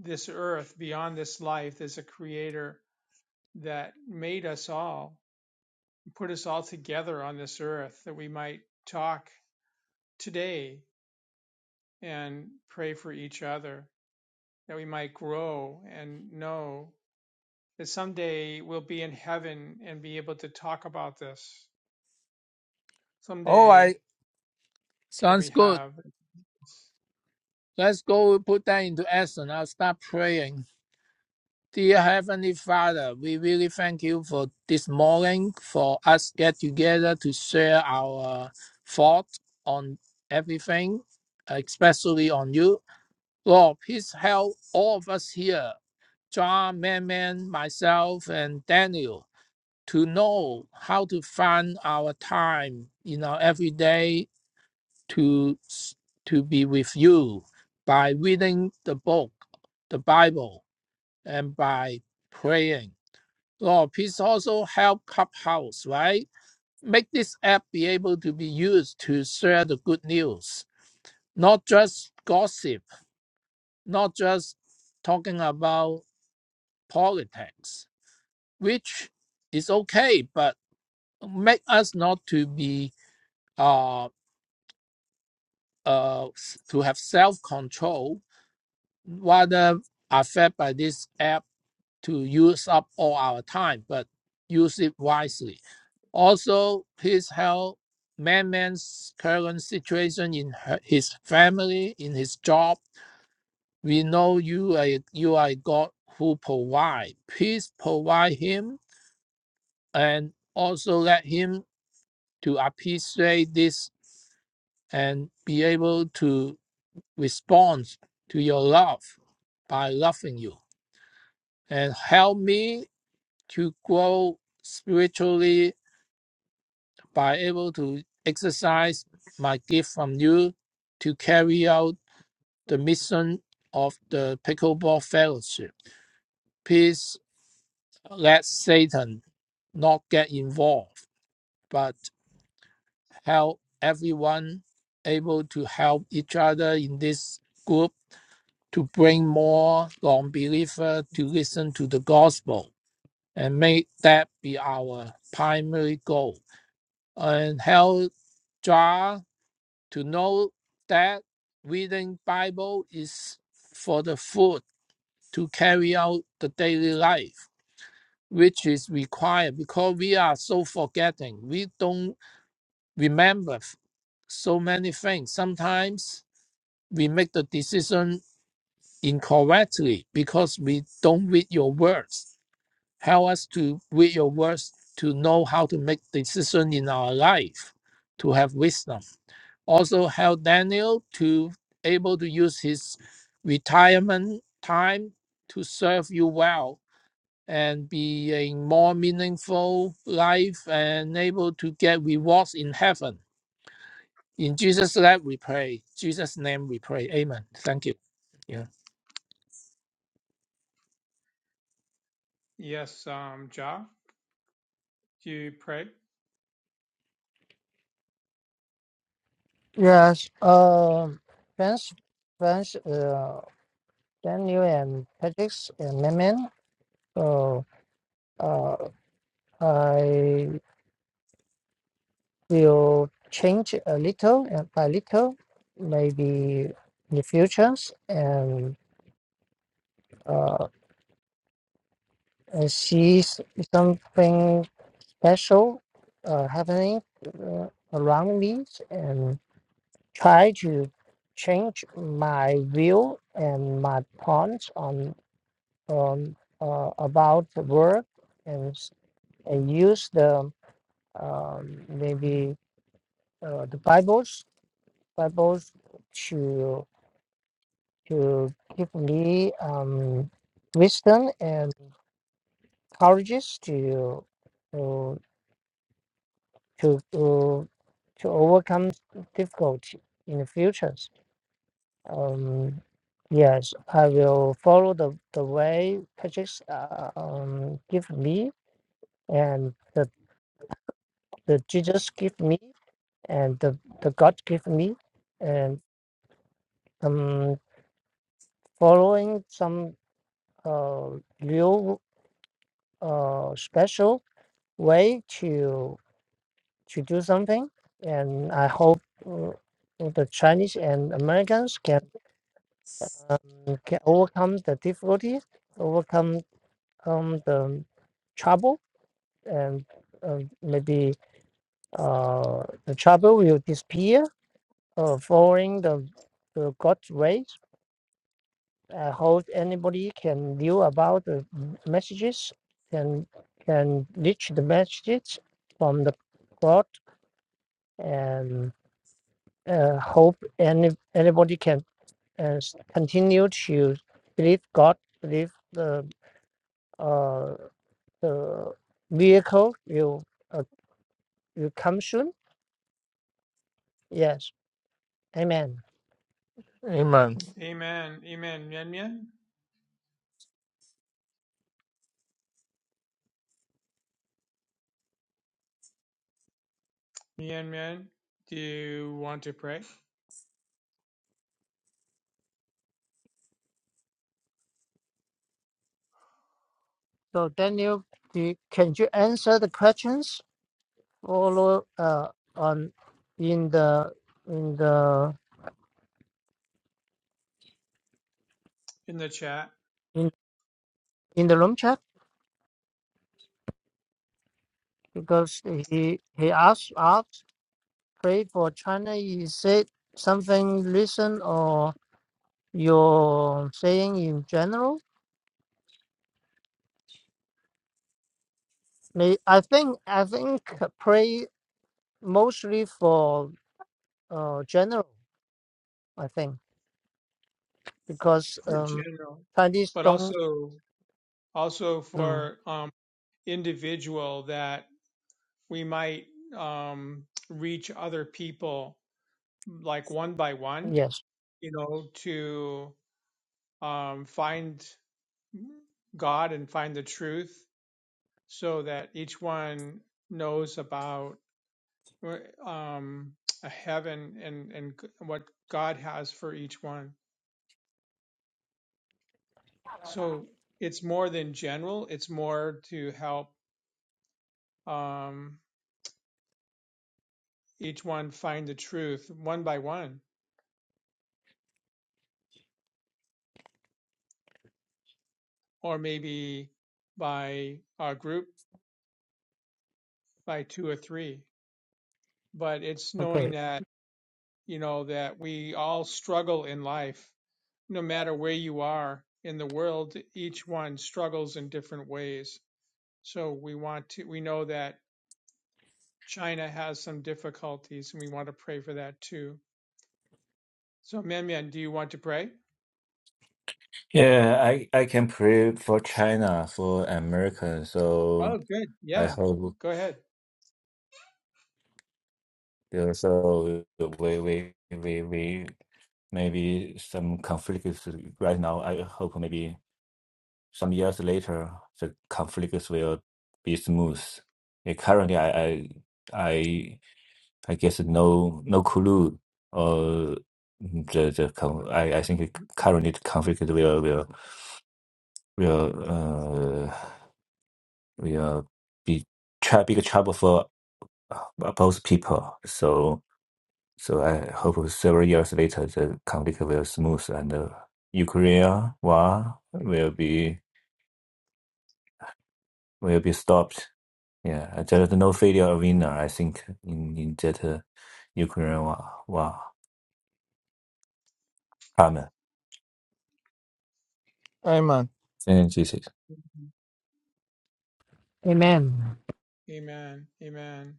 Speaker 2: this earth, beyond this life, there's a creator that made us all, put us all together on this earth that we might talk today and pray for each other, that we might grow and know that someday we'll be in heaven and be able to talk about this.
Speaker 4: All
Speaker 2: Someday
Speaker 4: right,
Speaker 2: that
Speaker 4: sounds
Speaker 2: we
Speaker 4: good.
Speaker 2: have.
Speaker 4: Let's go put that into action. I'll start praying. Dear Heavenly Father, we really thank you for this morning, for us get together to share our thoughts on everything, especially on you. Lord, please help all of us here, John, Manman, myself, and Daniel, to know how to find our time in our everyday to to be with you by reading the book, the Bible, and by praying. Oh, please also help Clubhouse, right? Make this app be able to be used to share the good news, not just gossip, not just talking about politics, which is okay, but make us not to be uh uh s- to have self control, rather affected by this app to use up all our time, but use it wisely. Also, his health, Man Man's current situation in her- his family, in his job. We know you are you are God who provide. Please provide him and also let him to appreciate this and be able to respond to your love by loving you. And help me to grow spiritually by able to exercise my gift from you to carry out the mission of the Pickleball Fellowship. Please let Satan not get involved, but help everyone able to help each other in this group to bring more non-believer to listen to the gospel and make that be our primary goal. And help John to know that reading Bible is for the food to carry out the daily life, which is required because we are so forgetting. We don't remember so many things. Sometimes we make the decision incorrectly because we don't read your words. Help us to read your words to know how to make decision in our life, to have wisdom. also helped Daniel to able to use his retirement time to serve you well and be a more meaningful life and able to get rewards in heaven. In Jesus' name we pray. Jesus' name we pray. Amen. Thank you. Yeah.
Speaker 2: Yes, um, Ja, do you pray?
Speaker 3: Yes. Um. French, French. Uh. Daniel and Patrick and Maman. So. Uh. I will change a little and by little, maybe in the futures and uh and see s- something special uh happening uh, around me and try to change my view and my points on. um, uh, about work and, s- and use the um, maybe uh, the Bibles Bibles to to give me um, wisdom and courages to to to to, to overcome difficulty in the futures. Um, yes, I will follow the, the way Patrick uh, um, give me and the, the Jesus give me and the, the God gave me, and um, following some uh, real uh, special way to to do something, and I hope uh, the Chinese and Americans can um, can overcome the difficulty, overcome um, the trouble, and um maybe uh, the trouble will disappear uh, following the the God's way uh, how anybody can view about the messages can can reach the messages from the plot and uh, hope any anybody can uh, continue to believe God, believe the uh, the vehicle will uh, will come soon. Yes, Amen.
Speaker 4: Amen.
Speaker 2: Amen, amen, Mian Mian, Mian Mian. Do you want to pray
Speaker 3: So Daniel, do you, can you answer the questions follow uh, on in the in the
Speaker 2: in the chat
Speaker 3: in the room chat because he he asked asked pray for China. He said something recent or you're saying in general. May- I think I think pray mostly for uh general. I think because
Speaker 2: for
Speaker 3: um
Speaker 2: general,
Speaker 3: Chinese
Speaker 2: but
Speaker 3: don't.
Speaker 2: also also
Speaker 3: Mm,
Speaker 2: for um individual that we might um reach other people like one by one,
Speaker 3: yes.
Speaker 2: you know, to um find God and find the truth so that each one knows about Right, um, a heaven and and what God has for each one. So it's more than general. It's more to help um, each one find the truth one by one, or maybe by a group, by two or three. But it's knowing
Speaker 3: Okay.
Speaker 2: that you know that we all struggle in life, no matter where you are in the world. Each one struggles in different ways. So we want to. We know that China has some difficulties, and we want to pray for that too. So, Mian, Mian, do you want to pray?
Speaker 5: Yeah, I I can pray for China, for America.
Speaker 2: Oh,
Speaker 5: So
Speaker 2: good.
Speaker 5: I
Speaker 2: Yeah,
Speaker 5: hope
Speaker 2: go ahead.
Speaker 5: yeah, so we we we we maybe some conflict is right now. I hope maybe. some years later, the conflicts will be smooth. Yeah, currently, I, I, I, I guess no, no clue. Uh, the the con- I, I think currently the conflict will will will uh will be tr- big trouble for uh, both people. So so I hope several years later the conflict will smooth and the Ukraine war will be will be stopped Yeah, I just no failure arena. I think in in that uh, Ukraine war war happened.
Speaker 4: Amen.
Speaker 5: And this is
Speaker 3: Amen.
Speaker 2: Amen. Amen.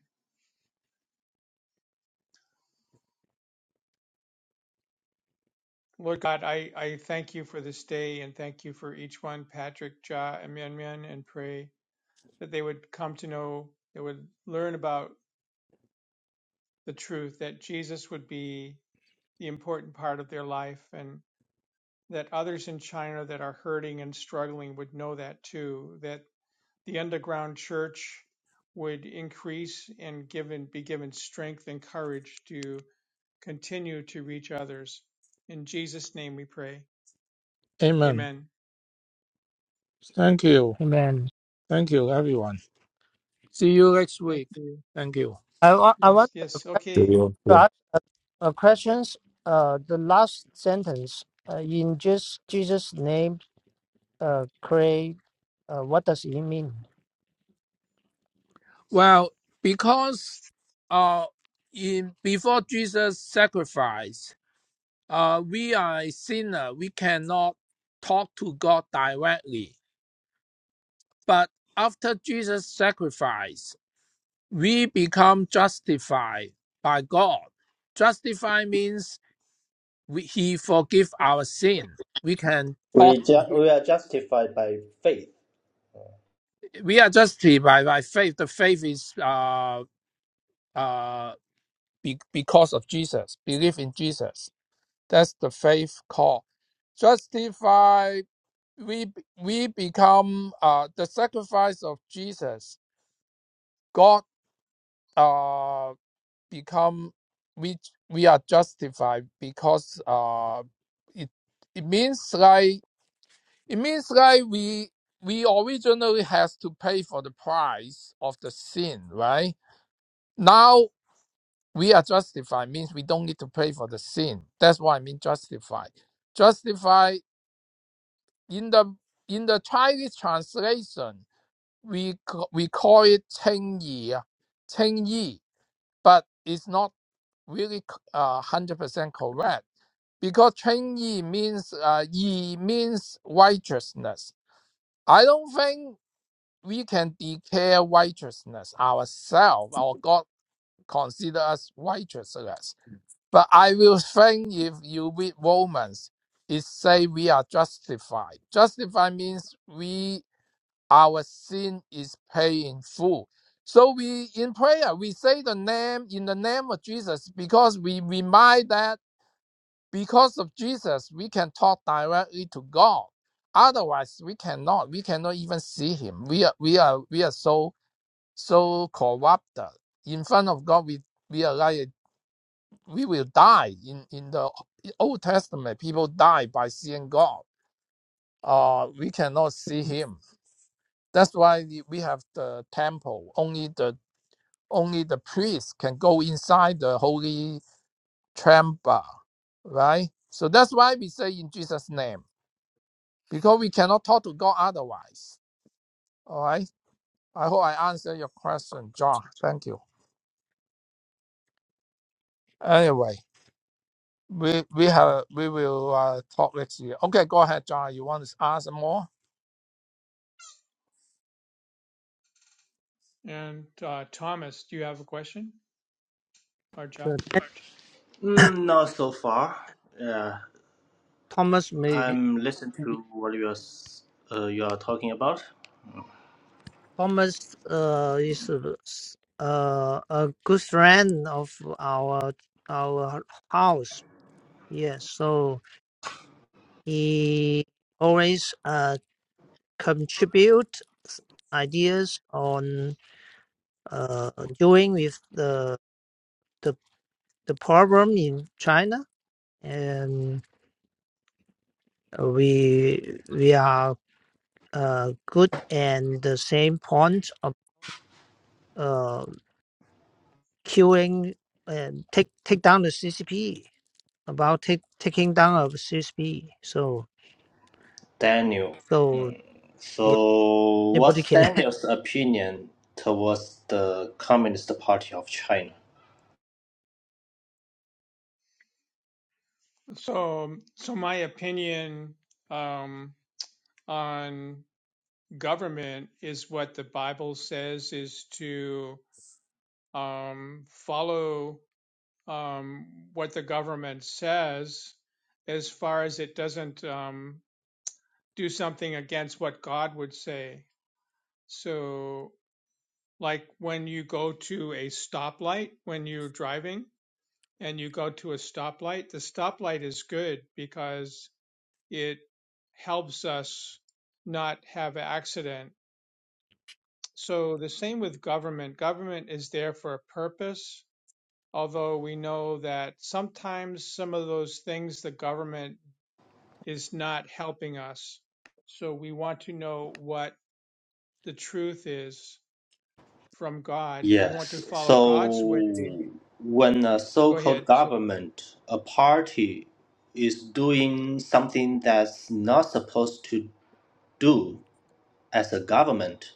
Speaker 2: Lord God, I, I thank you for this day and thank you for each one, Patrick, Ja, and Mian Mian, and pray that they would come to know, they would learn about the truth, that Jesus would be the important part of their life, and that others in China that are hurting and struggling would know that too, That The underground church would increase and given be given strength and courage to continue to reach others. In Jesus' name we pray.
Speaker 4: Amen.
Speaker 2: Amen.
Speaker 4: Thank you.
Speaker 3: Amen.
Speaker 4: Thank you, everyone. See you next
Speaker 2: Thank
Speaker 4: week.
Speaker 2: you.
Speaker 4: Thank you.
Speaker 3: I wa- I
Speaker 2: Yes,
Speaker 3: want to
Speaker 2: yes,
Speaker 5: do
Speaker 2: okay.
Speaker 5: you do
Speaker 3: ask a, a questions. Uh, the last sentence uh, in just Jesus' name uh, create, uh, what does it mean?
Speaker 4: Well, because uh, in before Jesus' sacrifice, uh, we are a sinner. We cannot talk to God directly. But after Jesus' sacrifice, we become justified by God. Justified means we, He forgive our sin. We can talk
Speaker 6: We
Speaker 4: to
Speaker 6: ju- we
Speaker 4: Him.
Speaker 6: are justified by faith.
Speaker 4: We are justified by faith. The faith is uh, uh, be, because of Jesus, belief in Jesus. That's the faith call. Justified, we we become uh, the sacrifice of Jesus. God uh, become we we are justified because uh, it it means like it means like we we originally has to pay for the price of the sin, right? Now we are justified means we don't need to pay for the sin. That's what I mean justified. Justified in the in the Chinese translation, we we call it Cheng Yi, Cheng Yi, but it's not really uh one hundred percent correct because Cheng Yi means uh, Yi means righteousness. I don't think we can declare righteousness ourselves. Our God considers us righteousness. But I will think if you read Romans, it say we are justified. Justified means we our sin is paid in full. So we in prayer we say the name in the name of Jesus because we remind that because of Jesus we can talk directly to God. Otherwise we cannot. We cannot even see Him. We are we are we are so so corrupted in front of God. We we are like we will die in in the Old Testament. People die by seeing God. Uh, we cannot see Him That's why we have the temple. Only the only the priest can go inside the holy chamber, right? So that's why we say in Jesus' name, because we cannot talk to God otherwise. All right. I hope I answered your question, John. Thank you. Anyway, we we have we will uh, talk next year. Okay, go ahead, John. You want to ask some more?
Speaker 2: And uh, Thomas, do you have a question or John?
Speaker 3: So that
Speaker 6: Mm, not so far. Yeah,
Speaker 3: Thomas maybe
Speaker 6: I'm listening to what you are s- uh, you are talking about.
Speaker 3: Thomas uh, is uh, a good friend of our our house. Yes, so he always uh, contribute ideas on uh, doing with the the the problem in China, and we we are uh, good and the same point of uh, queuing and take take down the CCP about take, taking down of CCP. So
Speaker 6: Daniel.
Speaker 3: so
Speaker 6: So,
Speaker 3: yeah, anybody
Speaker 6: what's
Speaker 3: can. [LAUGHS]
Speaker 6: Daniel's opinion towards the Communist Party of China?
Speaker 2: So, um, so my opinion um, on government is what the Bible says is to um, follow um, what the government says as far as it doesn't um, do something against what God would say. So, like when you go to a stoplight when you're driving and you go to a stoplight, the stoplight is good because it helps us not have an accident. So, the same with government. Government is there for a purpose, although we know that sometimes some of those things the government is not helping us. So we want to know what the truth is from God. We want to
Speaker 6: Yes.
Speaker 2: follow
Speaker 6: So,
Speaker 2: God's way.
Speaker 6: when a so
Speaker 2: Go
Speaker 6: called
Speaker 2: ahead. So,
Speaker 6: government, a party, is doing something that's not supposed to do as a government,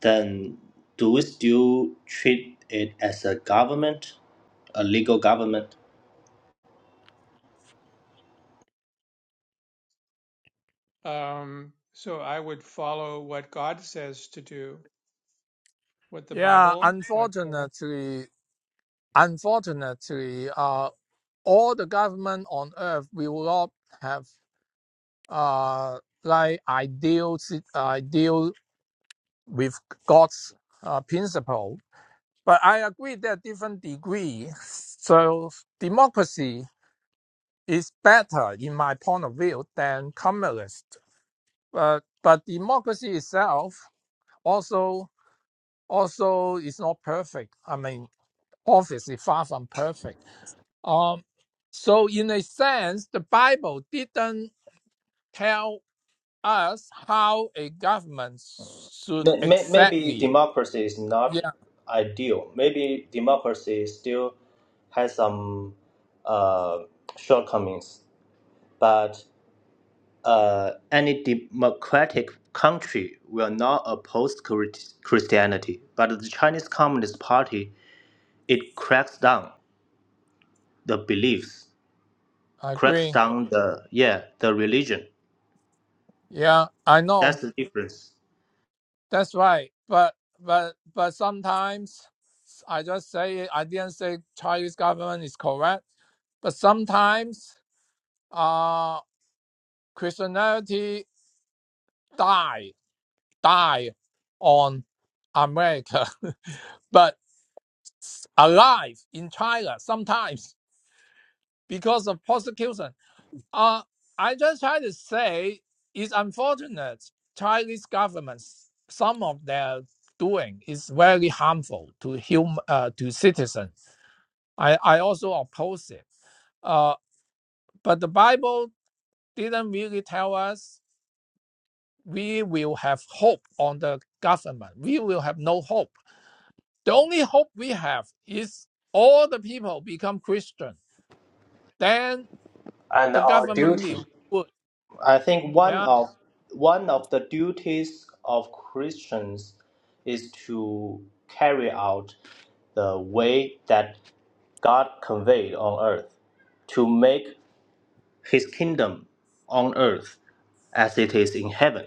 Speaker 6: then do we still treat it as a government, a legal government?
Speaker 2: um, so I would follow what God says to do, what the
Speaker 4: Yeah.
Speaker 2: Bible, what God.
Speaker 4: Unfortunately, unfortunately, uh, all the government on earth will not have. uh, like I deal si- I deal with God's uh, principle. But I agree that different degree. So democracy is better in my point of view than communist. But but democracy itself also also is not perfect. I mean, obviously far from perfect. Um, so in a sense, the Bible didn't tell. us how a government should
Speaker 6: May- may- Maybe
Speaker 4: exactly.
Speaker 6: democracy is not
Speaker 4: Yeah,
Speaker 6: ideal. Maybe democracy still has some uh, shortcomings, but uh, any democratic country will not oppose Chris- Christianity. But the Chinese Communist Party it cracks down the beliefs,
Speaker 4: I
Speaker 6: cracks
Speaker 4: agree.
Speaker 6: down the yeah the religion.
Speaker 4: Yeah, I know.
Speaker 6: That's the difference.
Speaker 4: That's right. But but but sometimes I just say it. I didn't say Chinese government is correct. But sometimes uh Christianity die die on America, [LAUGHS] but alive in China sometimes because of persecution. Uh, I just try to say it's unfortunate Chinese governments, some of their doing is very harmful to hum, uh, to citizens. I, I also oppose it. Uh, but the Bible didn't really tell us we will have hope on the government. We will have no hope. The only hope we have is all the people become Christian. Then
Speaker 6: and
Speaker 4: the
Speaker 6: our
Speaker 4: government will be
Speaker 6: duty.
Speaker 4: good.
Speaker 6: I think one
Speaker 4: Yeah,
Speaker 6: of one of the duties of Christians is to carry out the way that God conveyed on earth, to make his kingdom on earth as it is in heaven.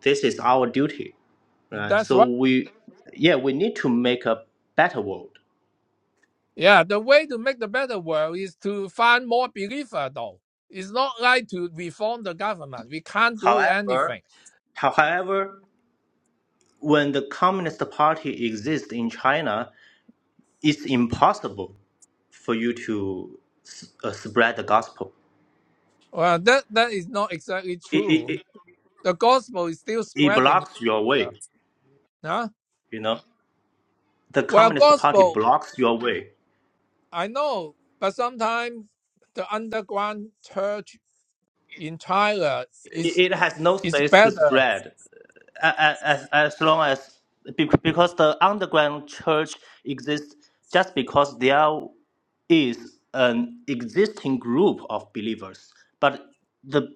Speaker 6: This is our duty, right?
Speaker 4: that's
Speaker 6: So
Speaker 4: right.
Speaker 6: we yeah, we need to make a better world.
Speaker 4: Yeah, the way to make the better world is to find more believer though. It's not like to reform the government. We can't do
Speaker 6: However,
Speaker 4: anything.
Speaker 6: however, when the Communist Party exists in China, it's impossible for you to s- uh, spread the gospel.
Speaker 4: Well, that that is not exactly
Speaker 6: It, it,
Speaker 4: true.
Speaker 6: it,
Speaker 4: The gospel is still
Speaker 6: it
Speaker 4: spreading.
Speaker 6: blocks your
Speaker 4: Uh,
Speaker 6: way,
Speaker 4: huh?
Speaker 6: you know. The
Speaker 4: Well,
Speaker 6: Communist Party
Speaker 4: gospel,
Speaker 6: blocks your way.
Speaker 4: I know, but sometimes the underground church in China is
Speaker 6: It, it has no
Speaker 4: is
Speaker 6: space to
Speaker 4: better.
Speaker 6: spread as, as, as long as be- because the underground church exists just because there is an existing group of believers but the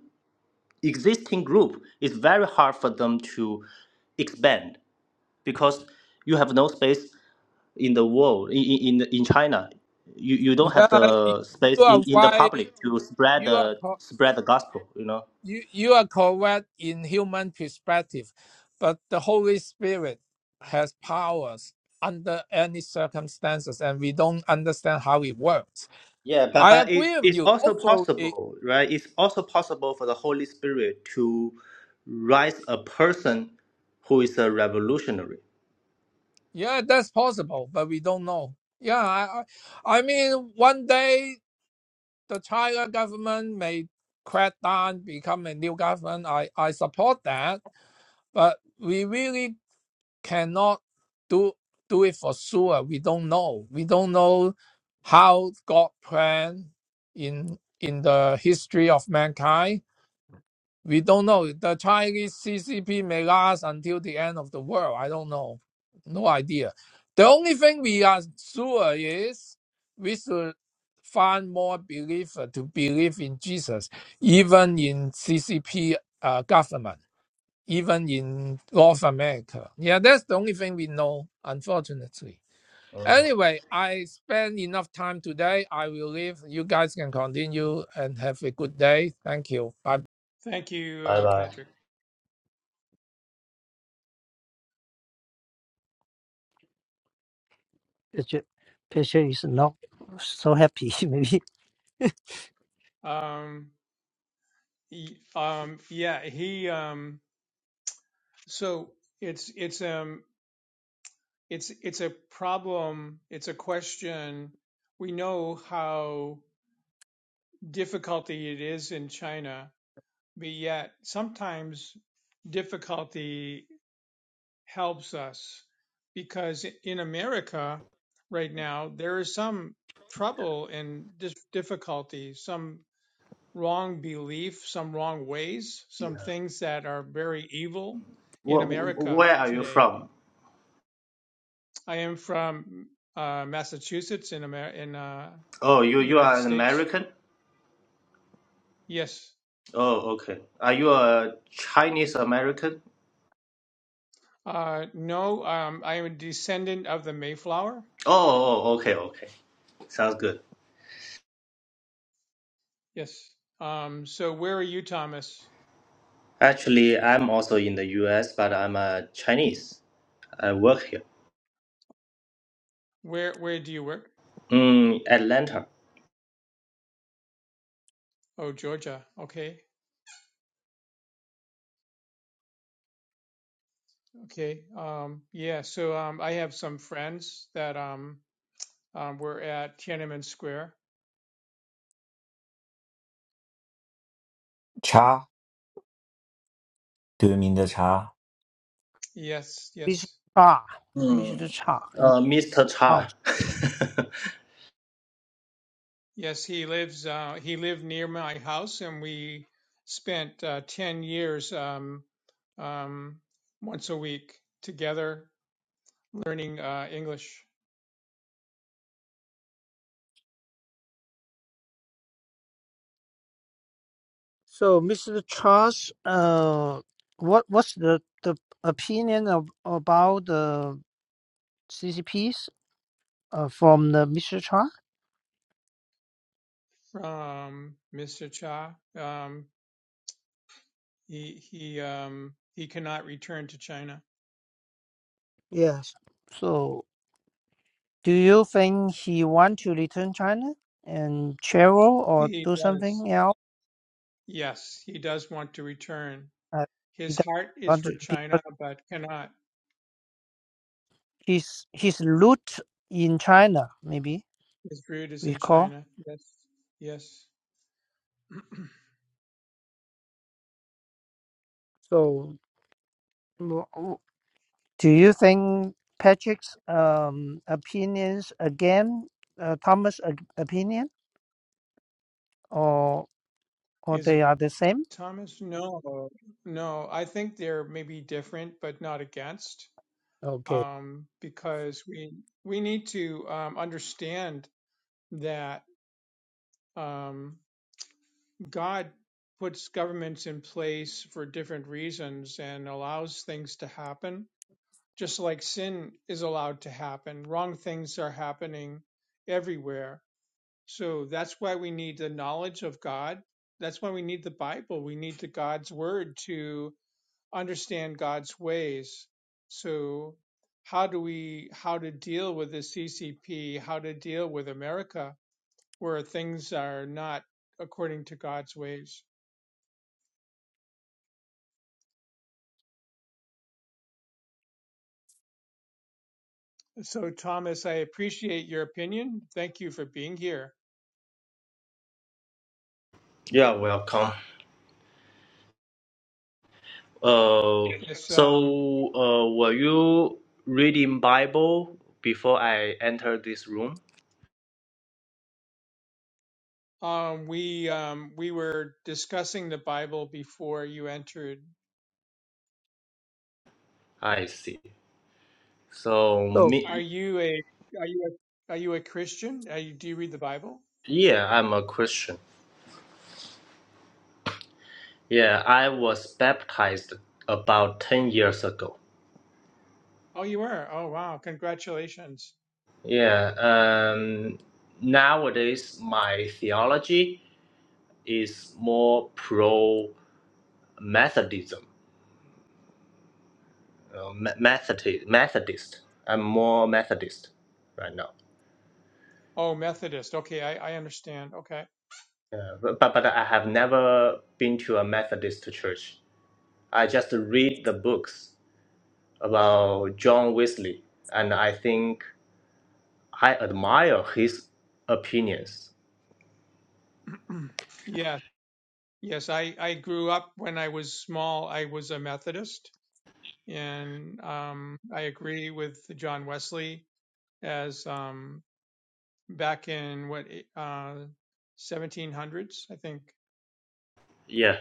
Speaker 6: existing group is very hard for them to expand because you have no space in the world in in, in in China. You, you don't have
Speaker 4: Yeah, you
Speaker 6: the space
Speaker 4: are
Speaker 6: in, in the
Speaker 4: why
Speaker 6: public to spread
Speaker 4: you
Speaker 6: the
Speaker 4: are
Speaker 6: spread the gospel, you know.
Speaker 4: you you are correct in human perspective, but the Holy Spirit has powers under any circumstances, and we don't understand how it works.
Speaker 6: Yeah, but
Speaker 4: I
Speaker 6: but it,
Speaker 4: agree with
Speaker 6: it's
Speaker 4: you.
Speaker 6: also
Speaker 4: Hopefully,
Speaker 6: possible, right? It's also possible for the Holy Spirit to rise a person who is a revolutionary.
Speaker 4: yeah, that's possible, but we don't know. Yeah, I I, I mean, one day the China government may crack down, become a new government. I I support that, but we really cannot do do it for sure. We don't know. We don't know how God planned in in the history of mankind. We don't know. The Chinese CCP may last until the end of the world. I don't know. No idea. The only thing we are sure is we should find more believer to believe in Jesus, even in CCP uh, government even in North America. Yeah, that's the only thing we know, unfortunately.
Speaker 6: Mhm.
Speaker 4: Anyway, I spent enough time today. I will leave. You guys can continue and have a good day. Thank you. Bye.
Speaker 2: Thank you,
Speaker 6: Bye
Speaker 2: uh,
Speaker 6: bye.
Speaker 2: Patrick.
Speaker 3: Patient patient is not so happy [LAUGHS] maybe.
Speaker 2: Um, y- um, yeah, he, um, so it's, it's, um, it's, it's a problem. It's a question. We know how difficulty it is in China but yet sometimes difficulty helps us because in America right now, there is some trouble and dis- difficulty, some wrong belief, some wrong ways, some things that are very evil in
Speaker 6: Wh- wh-
Speaker 2: America
Speaker 6: where are you
Speaker 2: today.
Speaker 6: from?
Speaker 2: I am from uh, Massachusetts in Amer- in uh,
Speaker 6: Oh, you you
Speaker 2: United
Speaker 6: are an
Speaker 2: States.
Speaker 6: American.
Speaker 2: Yes.
Speaker 6: Oh, okay. Are you a Chinese American?
Speaker 2: Uh, no, um, I am a descendant of the Mayflower
Speaker 6: Oh, oh, okay, okay. Sounds good.
Speaker 2: Yes. Um, so where are you, Thomas?
Speaker 6: Actually, I'm also in the US, but I'm a Chinese. I work here
Speaker 2: Where where do you work?
Speaker 6: in Atlanta.
Speaker 2: Oh, Georgia. Okay. Okay. Um, yeah. So um, I have some friends that um, um, were at Tiananmen Square.
Speaker 5: cha? Do you mean the cha?
Speaker 2: Yes.
Speaker 3: We should
Speaker 2: Yes.
Speaker 3: try. We
Speaker 6: Mm.
Speaker 3: should try. in
Speaker 6: Uh, Mr.
Speaker 3: house.
Speaker 6: Cha. [LAUGHS]
Speaker 2: Yes. He lives. Uh, he lived near my house, and we spent uh, ten years um, um, once a week together learning uh, English
Speaker 3: So, Mr. Charles, uh, what what's the the opinion of about the CCPs uh, from the Mr. Charles?
Speaker 2: from Mr. Cha. Um, He he um he cannot return to China.
Speaker 3: Yes. So, do you think he want to return China and Cheryl or
Speaker 2: He
Speaker 3: do
Speaker 2: does.
Speaker 3: something else?
Speaker 2: Yes, he does want to return.
Speaker 3: Uh, he
Speaker 2: His
Speaker 3: doesn't
Speaker 2: heart is
Speaker 3: want
Speaker 2: for
Speaker 3: to,
Speaker 2: China, but cannot.
Speaker 3: his his root in China, maybe
Speaker 2: His root is
Speaker 3: we
Speaker 2: in
Speaker 3: call.
Speaker 2: China. Yes. Yes. [CLEARS THROAT]
Speaker 3: So, w- w- do you think Patrick's um, opinions again, uh, Thomas' ag- opinion, or or
Speaker 2: Is it
Speaker 3: they are the same?
Speaker 2: Thomas? No, no. I think they're maybe different, but not against,
Speaker 3: Okay.
Speaker 2: um, because we we need to um, understand that. Um, God puts governments in place for different reasons and allows things to happen, just like sin is allowed to happen. Wrong things are happening everywhere. So that's why we need the knowledge of God. That's why we need the Bible. We need the God's word to understand God's ways. So how do we how to deal with the CCP, how to deal with America where things are not according to God's ways? So, Thomas, I appreciate your opinion. Thank you for being here.
Speaker 6: yeah, welcome. Uh,
Speaker 2: Yes, um,
Speaker 6: so, uh, were you reading Bible before I entered this room?
Speaker 2: um, we um, we were discussing the Bible before you entered.
Speaker 6: I see. So,
Speaker 3: So
Speaker 6: me,
Speaker 2: Are you a are you a, are you a Christian? Are you, do you read the Bible?
Speaker 6: yeah, I'm a Christian. Yeah, I was baptized about 10 years ago.
Speaker 2: Oh, you are. Oh, wow! Congratulations.
Speaker 6: Yeah, um, nowadays my theology is more pro Methodism, uh, Me- Methodist, Methodist. I'm more Methodist right now.
Speaker 2: Oh, Methodist. Okay, I, I understand. Okay.
Speaker 6: Yeah, but, but but I have never been to a Methodist church. I just read the books about John Wesley, and I think I admire his opinions.
Speaker 2: [CLEARS THROAT] yes, yes. I I grew up when I was small. I was a Methodist, and um, I agree with John Wesley as um, back in what eh, uh, 1700s, I think.
Speaker 6: Yeah.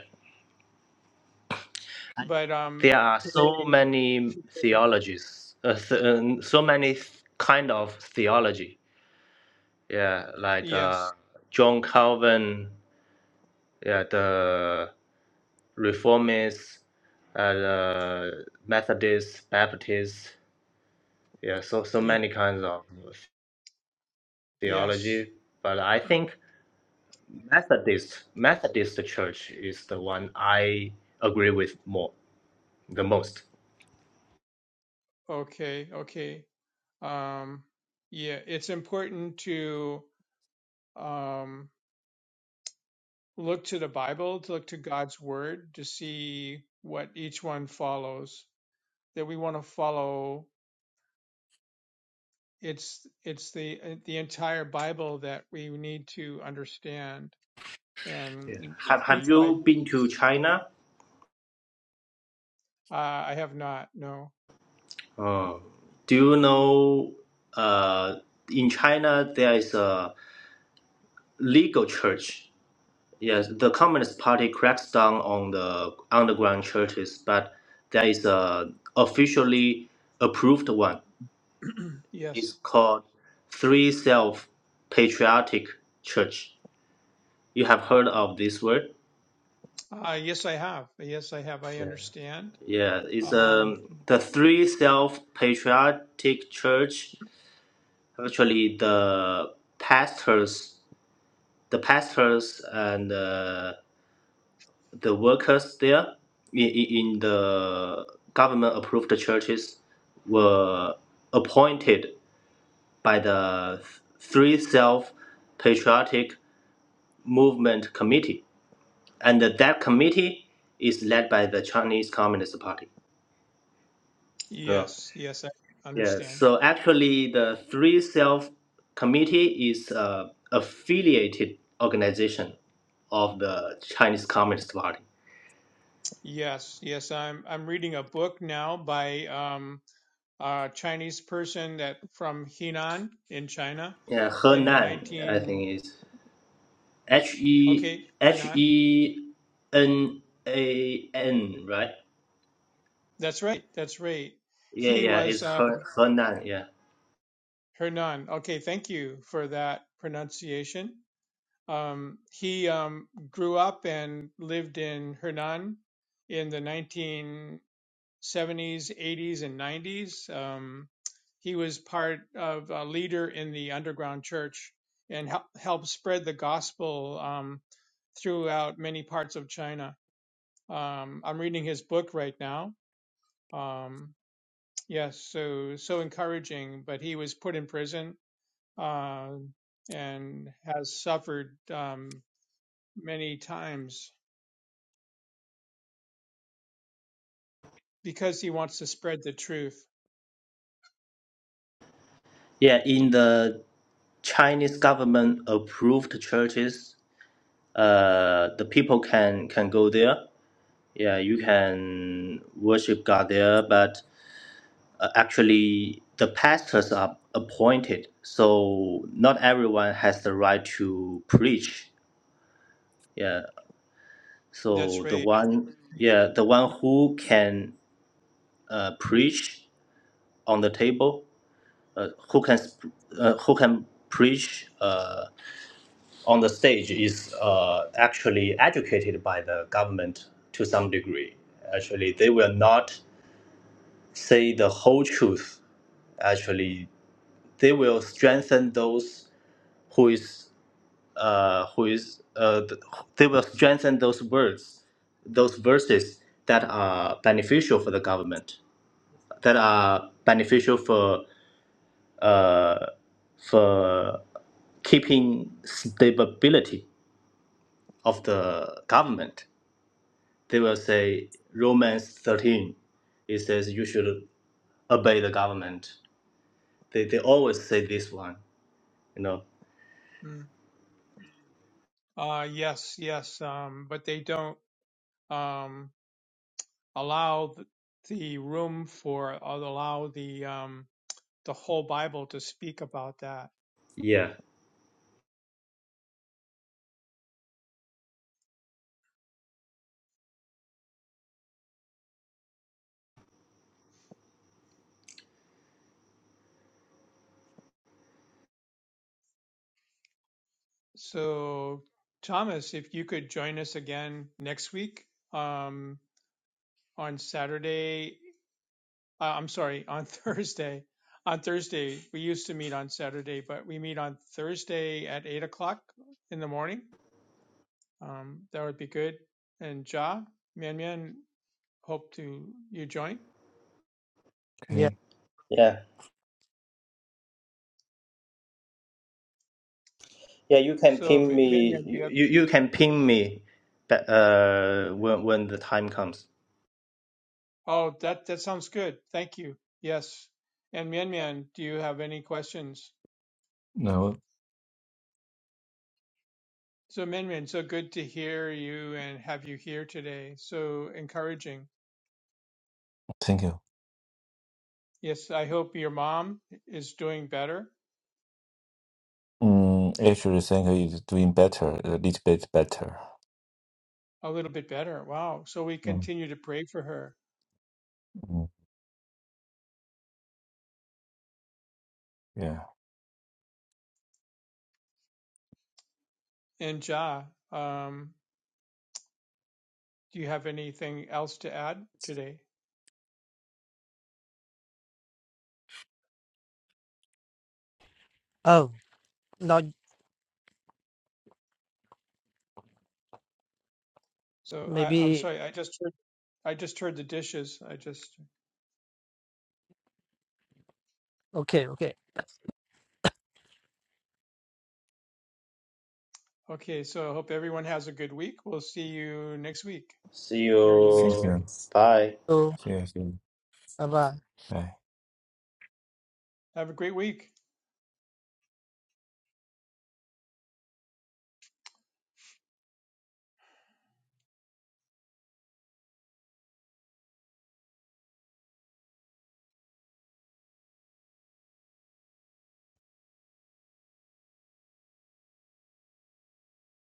Speaker 2: But um,
Speaker 6: there are so
Speaker 2: today,
Speaker 6: many
Speaker 2: t-
Speaker 6: theologies, uh, th- um, so many th- kind of theology. Yeah, like uh,
Speaker 2: yes,
Speaker 6: John Calvin, yeah, the Reformists, uh, the Methodists, Baptists. Yeah, so so
Speaker 2: ye-
Speaker 6: many kinds of
Speaker 2: yes,
Speaker 6: theology. But I
Speaker 2: [CLEARS THROAT]
Speaker 6: think Methodist Methodist Church is the one I agree with more the most.
Speaker 2: okay, okay. Um, yeah, it's important to um, look to the Bible, to look to God's Word, to see what each one follows. That we want to follow. It's it's the eh, the entire Bible that we need to understand
Speaker 6: Yeah.
Speaker 2: and eh,
Speaker 6: Have Have
Speaker 2: piece by
Speaker 6: you been
Speaker 2: piece.
Speaker 6: to China?
Speaker 2: Uh, I have not. No.
Speaker 6: Oh. Do you know uh, in China there is a legal church? Yes, the Communist Party cracks down on the underground churches, but there is a officially approved one.
Speaker 2: [CLEARS THROAT]
Speaker 6: It's
Speaker 2: yes.
Speaker 6: called Three Self Patriotic Church. You have heard of this word?
Speaker 2: Uh, yes, I have. Yes, I have. I
Speaker 6: Yeah.
Speaker 2: understand.
Speaker 6: Yeah, it's
Speaker 2: Um,
Speaker 6: um the Three Self Patriotic Church. Actually, the pastors the pastors and uh, the workers there in, in in the government approved churches were appointed by the Three Self Patriotic Movement Committee. And that committee is led by the Chinese Communist Party. Yeah.
Speaker 2: yes. Yes, I
Speaker 6: Yeah,
Speaker 2: understand.
Speaker 6: so actually, the Three Self Committee is an affiliated organization of the Chinese Communist Party.
Speaker 2: Yes. Yes, I'm. I'm reading a book now by um, a Chinese person that from Henan in China,
Speaker 6: Yeah,
Speaker 2: in the
Speaker 6: Henan, I
Speaker 2: 19.
Speaker 6: think is H
Speaker 2: Okay,
Speaker 6: E H
Speaker 2: Hernan.
Speaker 6: E N A N, right?
Speaker 2: That's right. That's right.
Speaker 6: Yeah,
Speaker 2: He
Speaker 6: yeah,
Speaker 2: was
Speaker 6: it's
Speaker 2: uh,
Speaker 6: Her Henan. Yeah,
Speaker 2: Hernan. Okay, thank you for that pronunciation. Um, he um, grew up and lived in Hernan in the 1970s, 80s, and 90s. Um, he was part of a leader in the underground church and hel- helped spread the gospel um, throughout many parts of China. Um, I'm reading his book right now. Um, yes, so so encouraging. But he was put in prison uh, and has suffered um, many times because he wants to spread the truth.
Speaker 6: yeah. In the Chinese government approved churches, uh, the people can can go there. Yeah, you can worship God there, but uh, actually the pastors are appointed, so not everyone has the right to preach. Yeah.
Speaker 2: That's
Speaker 6: So the
Speaker 2: right.
Speaker 6: one, yeah, the one who can uh, preach on the table, uh, who can sp- uh, who can preach uh, on the stage is uh, actually educated by the government to some degree. Actually, they will not say the whole truth. Actually, they will strengthen those who is uh, who is uh, th- they will strengthen those words, those verses that are beneficial for the government that are beneficial for uh, for keeping stability of the government. They will say Romans 13. It says you should obey the government. They, they always say this one. You know.
Speaker 2: Mm. Uh, yes, yes. Um, but they don't um, allow th- the room for or allow the um, the whole Bible to speak about that.
Speaker 6: Yeah.
Speaker 2: So, Thomas, if you could join us again next week um, on Saturday uh, I'm sorry, on [LAUGHS] Thursday. On Thursday, we used to meet on Saturday, but we meet on Thursday at eight o'clock in the morning. Um, that would be good. And Ja, Mian Mian, hope to you join.
Speaker 3: yeah.
Speaker 5: Okay,
Speaker 6: Yeah. Yeah. You can
Speaker 2: So
Speaker 6: ping
Speaker 2: Mi- Mian
Speaker 6: me.
Speaker 2: Mian, do you
Speaker 6: You,
Speaker 2: have?
Speaker 6: you you can ping me. but, Uh, when when the time comes.
Speaker 2: Oh, that that sounds good. Thank you. Yes. And Mian Mian, do you have any questions?
Speaker 5: no,
Speaker 2: So Mian Mian, so good to hear you and have you here today. So encouraging.
Speaker 5: thank you.
Speaker 2: Yes, I hope your mom is doing better
Speaker 5: Mm, actually, thank you is doing better, a little bit better.
Speaker 2: A little bit better. Wow. So we
Speaker 5: Mm,
Speaker 2: continue to pray for her.
Speaker 5: mm, yeah,
Speaker 2: And Ja, um, do you have anything else to add today?
Speaker 3: Oh, not
Speaker 2: So I, I'm
Speaker 3: maybe.
Speaker 2: sorry, I just heard I just heard the dishes. I just
Speaker 3: Okay. Okay.
Speaker 2: okay, so I hope everyone has a good week. We'll see you next week.
Speaker 6: See
Speaker 2: Hear you
Speaker 5: thank
Speaker 2: next week.
Speaker 5: you.
Speaker 6: you. Bye.
Speaker 3: So,
Speaker 5: See you. See you. Bye.
Speaker 2: Have a great week.